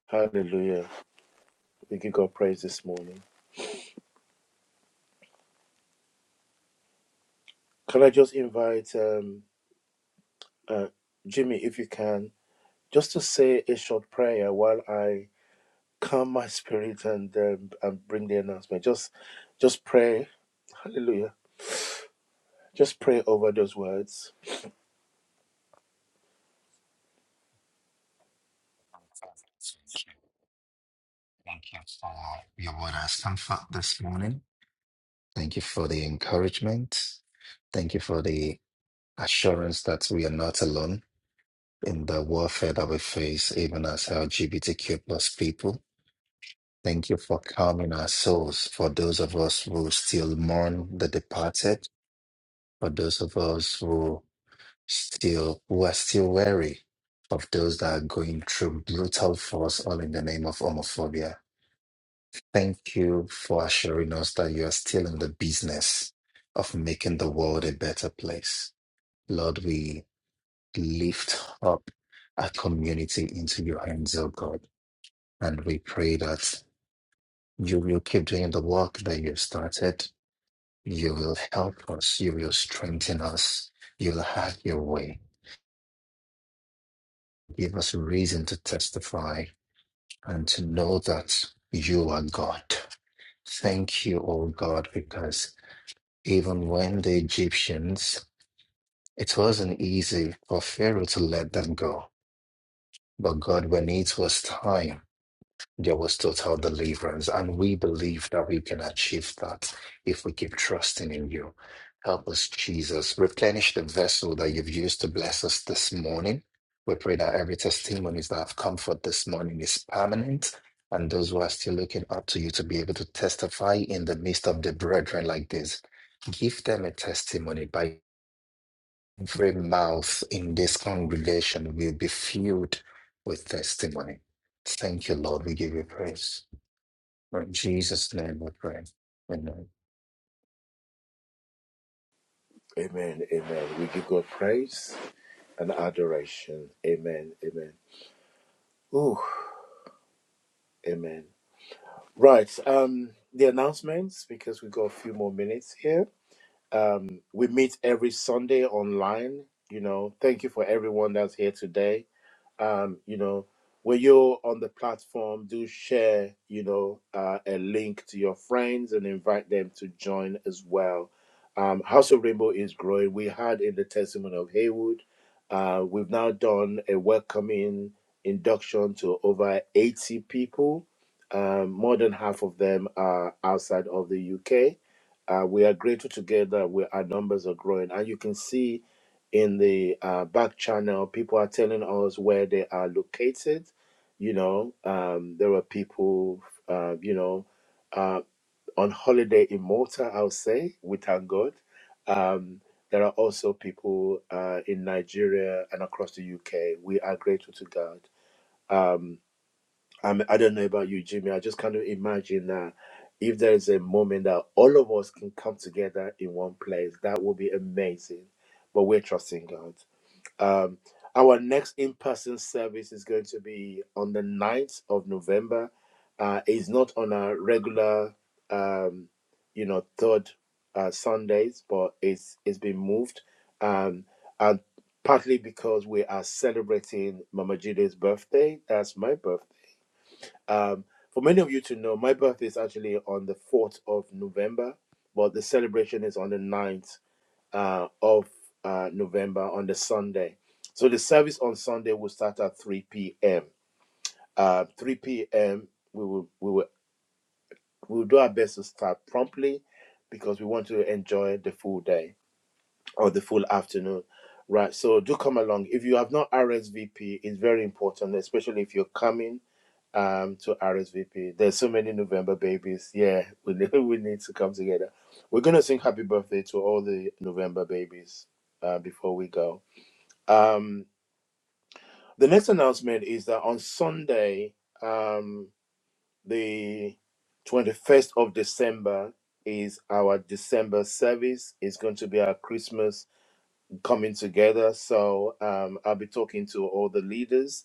Speaker 1: Hallelujah. We give God praise this morning. Can I just invite um, uh, Jimmy, if you can, just to say a short prayer while I calm my spirit and, um, and bring the announcement? Just, just pray. Hallelujah Just pray over those words.
Speaker 5: Thank you. Thank you for your word as comfort this morning. Thank you for the encouragement. Thank you for the assurance that we are not alone in the warfare that we face, even as LGBTQ plus people. Thank you for calming our souls for those of us who still mourn the departed, for those of us who still who are still wary of those that are going through brutal force, all in the name of homophobia. Thank you for assuring us that you are still in the business of making the world a better place. Lord, we lift up our community into your hands, oh God, and we pray that you will keep doing the work that you have started. You will help us. You will strengthen us. You'll have your way. Give us reason to testify and to know that you are God. Thank you, oh God, because even when the Egyptians, it wasn't easy for Pharaoh to let them go. But God, when it was time, there was total deliverance. And we believe that we can achieve that if we keep trusting in you. Help us, Jesus. Replenish the vessel that you've used to bless us this morning. We pray that every testimonies that have come forth this morning is permanent. And those who are still looking up to you to be able to testify in the midst of the brethren like this, give them a testimony by Every mouth in this congregation will be filled with testimony. Thank you, Lord. We give you praise. In Jesus' name we pray. Amen.
Speaker 1: Amen. Amen. We give God praise and adoration. Amen. Amen. Ooh. Amen. Right. Um, the announcements, because we got a few more minutes here. Um, we meet every Sunday online. You know, thank you for everyone that's here today. um, you know, when you're on the platform, do share, you know, uh, a link to your friends and invite them to join as well. Um, House of Rainbow is growing. We had in the testimony of Haywood, uh, we've now done a welcoming induction to over 80 people. Um, more than half of them are outside of the UK. Uh, we are grateful together. We, our numbers are growing, and you can see in the uh, back channel, people are telling us where they are located. You know, um, there are people, uh, you know, uh, on holiday in Malta, I'll say, we thank God. Um, there are also people uh, in Nigeria and across the UK. We are grateful to God. Um, I'm, I don't know about you, Jimmy. I just kind of imagine that if there is a moment that all of us can come together in one place, that would be amazing. But we're trusting God um, our next in person service is going to be on the ninth of November. Uh, it's not on our regular, um, you know, third uh, Sundays, but it's it's been moved. Um, and partly because we are celebrating Mama Jide's birthday. That's my birthday. Um, for many of you to know, my birthday is actually on the 4th of November, but the celebration is on the ninth uh, of uh, November on the Sunday. So the service on Sunday will start at 3 p.m. Uh, 3 p.m. We will we will we will do our best to start promptly because we want to enjoy the full day or the full afternoon. Right. So do come along. If you have not RSVP, it's very important, especially if you're coming um to RSVP. There's so many November babies. Yeah, we need, <laughs> we need to come together. We're gonna sing happy birthday to all the November babies uh, before we go. Um, the next announcement is that on Sunday, um, the 21st of December, is our December service. It's going to be our Christmas coming together. So um, I'll be talking to all the leaders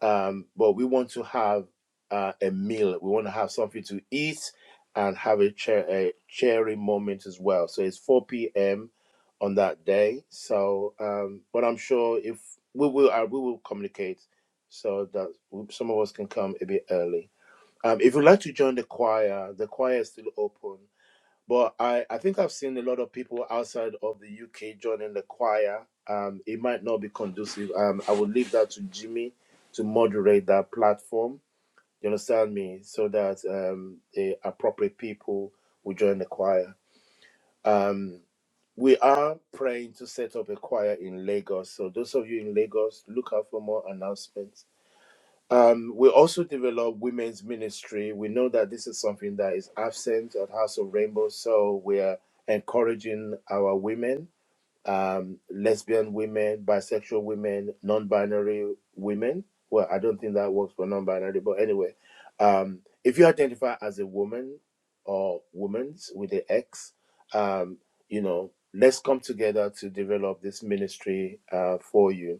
Speaker 1: um, but we want to have uh, a meal. We want to have something to eat and have a, chair, a cheery moment as well. So it's 4 p.m. on that day. So, um, but I'm sure if we will, uh, we will communicate so that some of us can come a bit early. Um, if you'd like to join the choir, the choir is still open but I, I think I've seen a lot of people outside of the UK joining the choir. Um, it might not be conducive. Um, I would leave that to Jimmy to moderate that platform. You understand me? So that um, the appropriate people will join the choir. Um, we are praying to set up a choir in Lagos. So those of you in Lagos, look out for more announcements um, we also develop women's ministry. We know that this is something that is absent at House of Rainbow, so we are encouraging our women, um, lesbian women, bisexual women, non-binary women. Well, I don't think that works for non-binary, but anyway, um, if you identify as a woman or women's with the X, um, you know, let's come together to develop this ministry uh, for you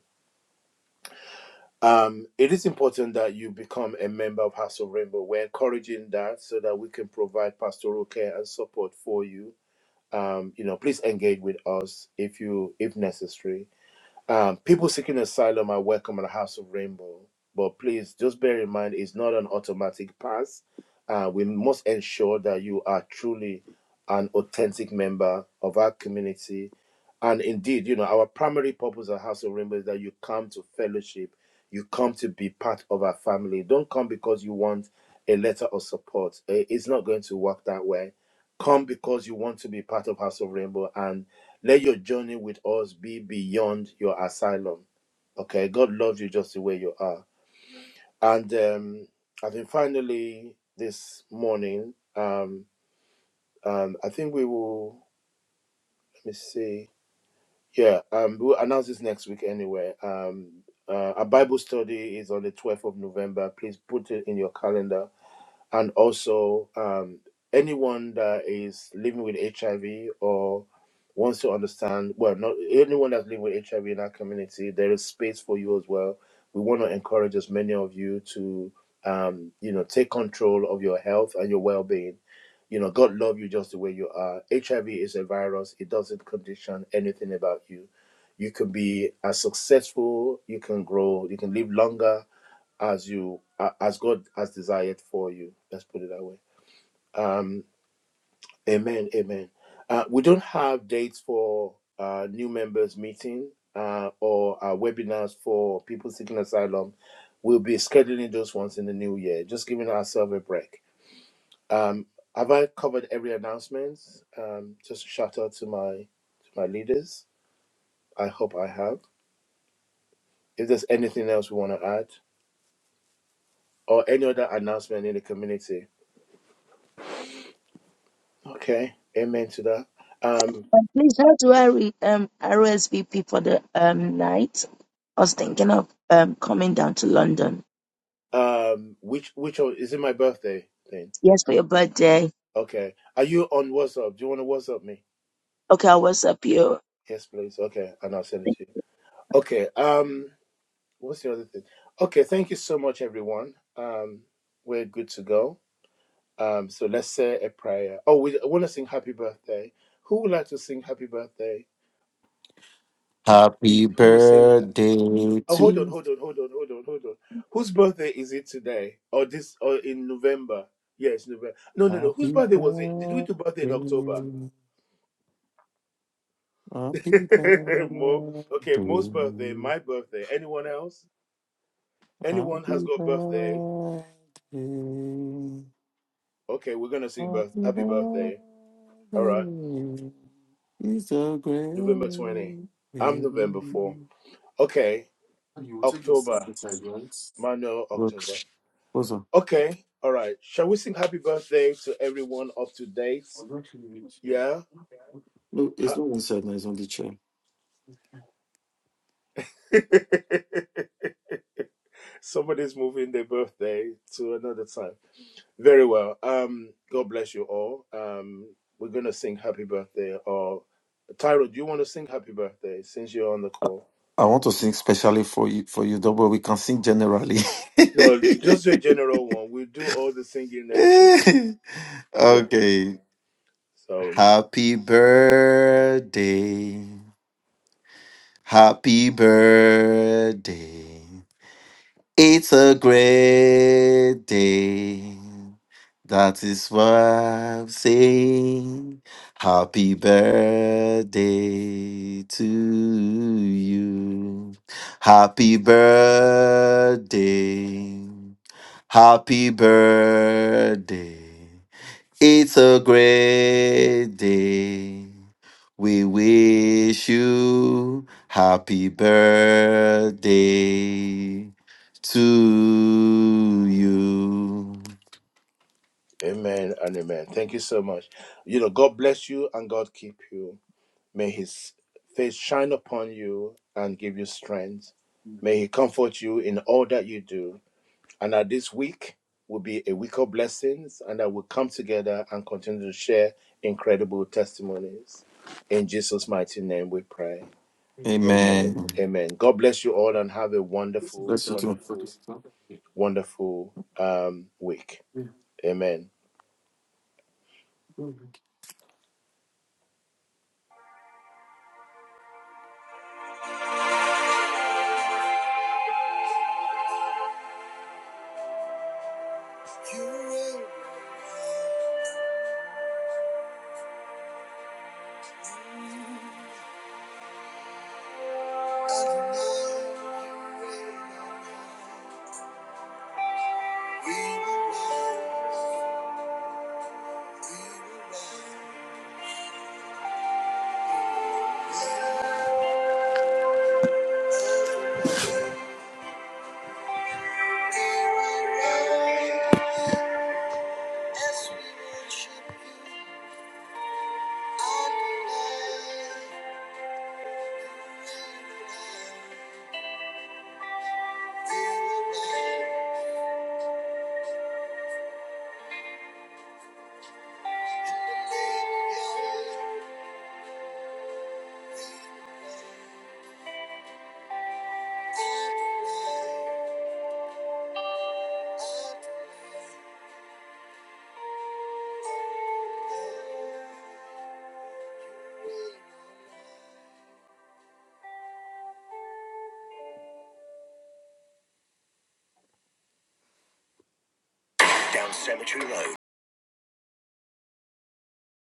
Speaker 1: um, it is important that you become a member of House of Rainbow. We're encouraging that so that we can provide pastoral care and support for you. Um, you know, please engage with us if you if necessary. Um, people seeking asylum are welcome in the House of Rainbow, but please just bear in mind it's not an automatic pass. Uh, we must ensure that you are truly an authentic member of our community. And indeed, you know, our primary purpose at House of Rainbow is that you come to fellowship, you come to be part of our family. Don't come because you want a letter of support. Eh, It's not going to work that way. Come because you want to be part of House of Rainbow and. Let your journey with us be beyond your asylum. Okay, God loves you just the way you are. And um, I think finally this morning, um, um, I think we will. Let me see. Yeah, um, we'll announce this next week anyway. Um, uh, our Bible study is on the twelfth of November. Please put it in your calendar and also um, anyone that is living with HIV or wants to understand, well, not anyone that's living with HIV in our community, there is space for you as well. We want to encourage as many of you to, um, you know, take control of your health and your well-being. You know, God love you just the way you are. HIV is a virus; it doesn't condition anything about you. You can be as successful, you can grow, you can live longer, as you uh, as God has desired for you. Let's put it that way. Um, amen. Amen. Uh, we don't have dates for uh, new members meeting uh, or uh, webinars for people seeking asylum. We'll be scheduling those ones in the new year. Just giving ourselves a break. Um, have I covered every announcement? Um, just a shout out to my to my leaders. I hope I have. If there's anything else we want to add or any other announcement in the community, Okay. Amen to that. Um,
Speaker 4: And please, how do I re- um, RSVP for the um, night? I was thinking of um coming down to London.
Speaker 1: um, which which o- is it my birthday thing?
Speaker 4: Yes, for your birthday.
Speaker 1: Okay. Are you on WhatsApp? Do you want to WhatsApp me?
Speaker 4: Okay, I'll WhatsApp you.
Speaker 1: Yes, please. Okay, and I'll send it to you. Okay. Um, what's the other thing? Okay. Thank you so much, everyone. Um, we're good to go. Um, so let's say a prayer. Oh, we want to sing Happy Birthday. Who would like to sing Happy Birthday?
Speaker 2: Happy
Speaker 1: Who will sing
Speaker 2: birthday
Speaker 1: Oh, hold on,
Speaker 2: to
Speaker 1: hold on, hold on, hold on, hold on. Whose birthday is it today? Or this or in November? Yes, November. No, no, no. Whose
Speaker 2: Happy
Speaker 1: birthday was it? Did we do birthday in October?
Speaker 2: birthday. Happy
Speaker 1: <laughs>
Speaker 2: birthday.
Speaker 1: Mo. Okay, Mo's birthday, my birthday. Anyone else? Anyone has got birthday? Okay, we're gonna sing birth happy birthday. All right. November 20. I'm November 4. Okay. October. Manuel October. Okay. All right. Shall we sing happy birthday to everyone up to date? Yeah.
Speaker 2: Look,
Speaker 1: Ha- <laughs> Somebody's moving their birthday to another time. Very well. Um, God bless you all. Um, we're gonna sing happy birthday or Tyro, do you want to sing happy birthday since you're on the call?
Speaker 2: I want to sing specially for you for you, though, but we can sing generally.
Speaker 1: No, just a general one. We'll do all the singing next week.
Speaker 2: <laughs>
Speaker 1: Yeah.
Speaker 2: okay.
Speaker 1: So
Speaker 2: Happy birthday. Happy birthday. It's a great day. That is why I'm saying happy birthday to you. Happy birthday. Happy birthday. It's a great day. We wish you happy birthday to you.
Speaker 1: Amen and amen. Thank you so much. You know, God bless you and God keep you. May his face shine upon you and give you strength. May he comfort you in all that you do And that this week will be a week of blessings and that we'll come together and continue to share incredible testimonies. In Jesus' mighty name we pray.
Speaker 2: Amen.
Speaker 1: Amen. Amen. God bless you all and have a wonderful, wonderful, wonderful um, week. Amen. <laughs> Thank you.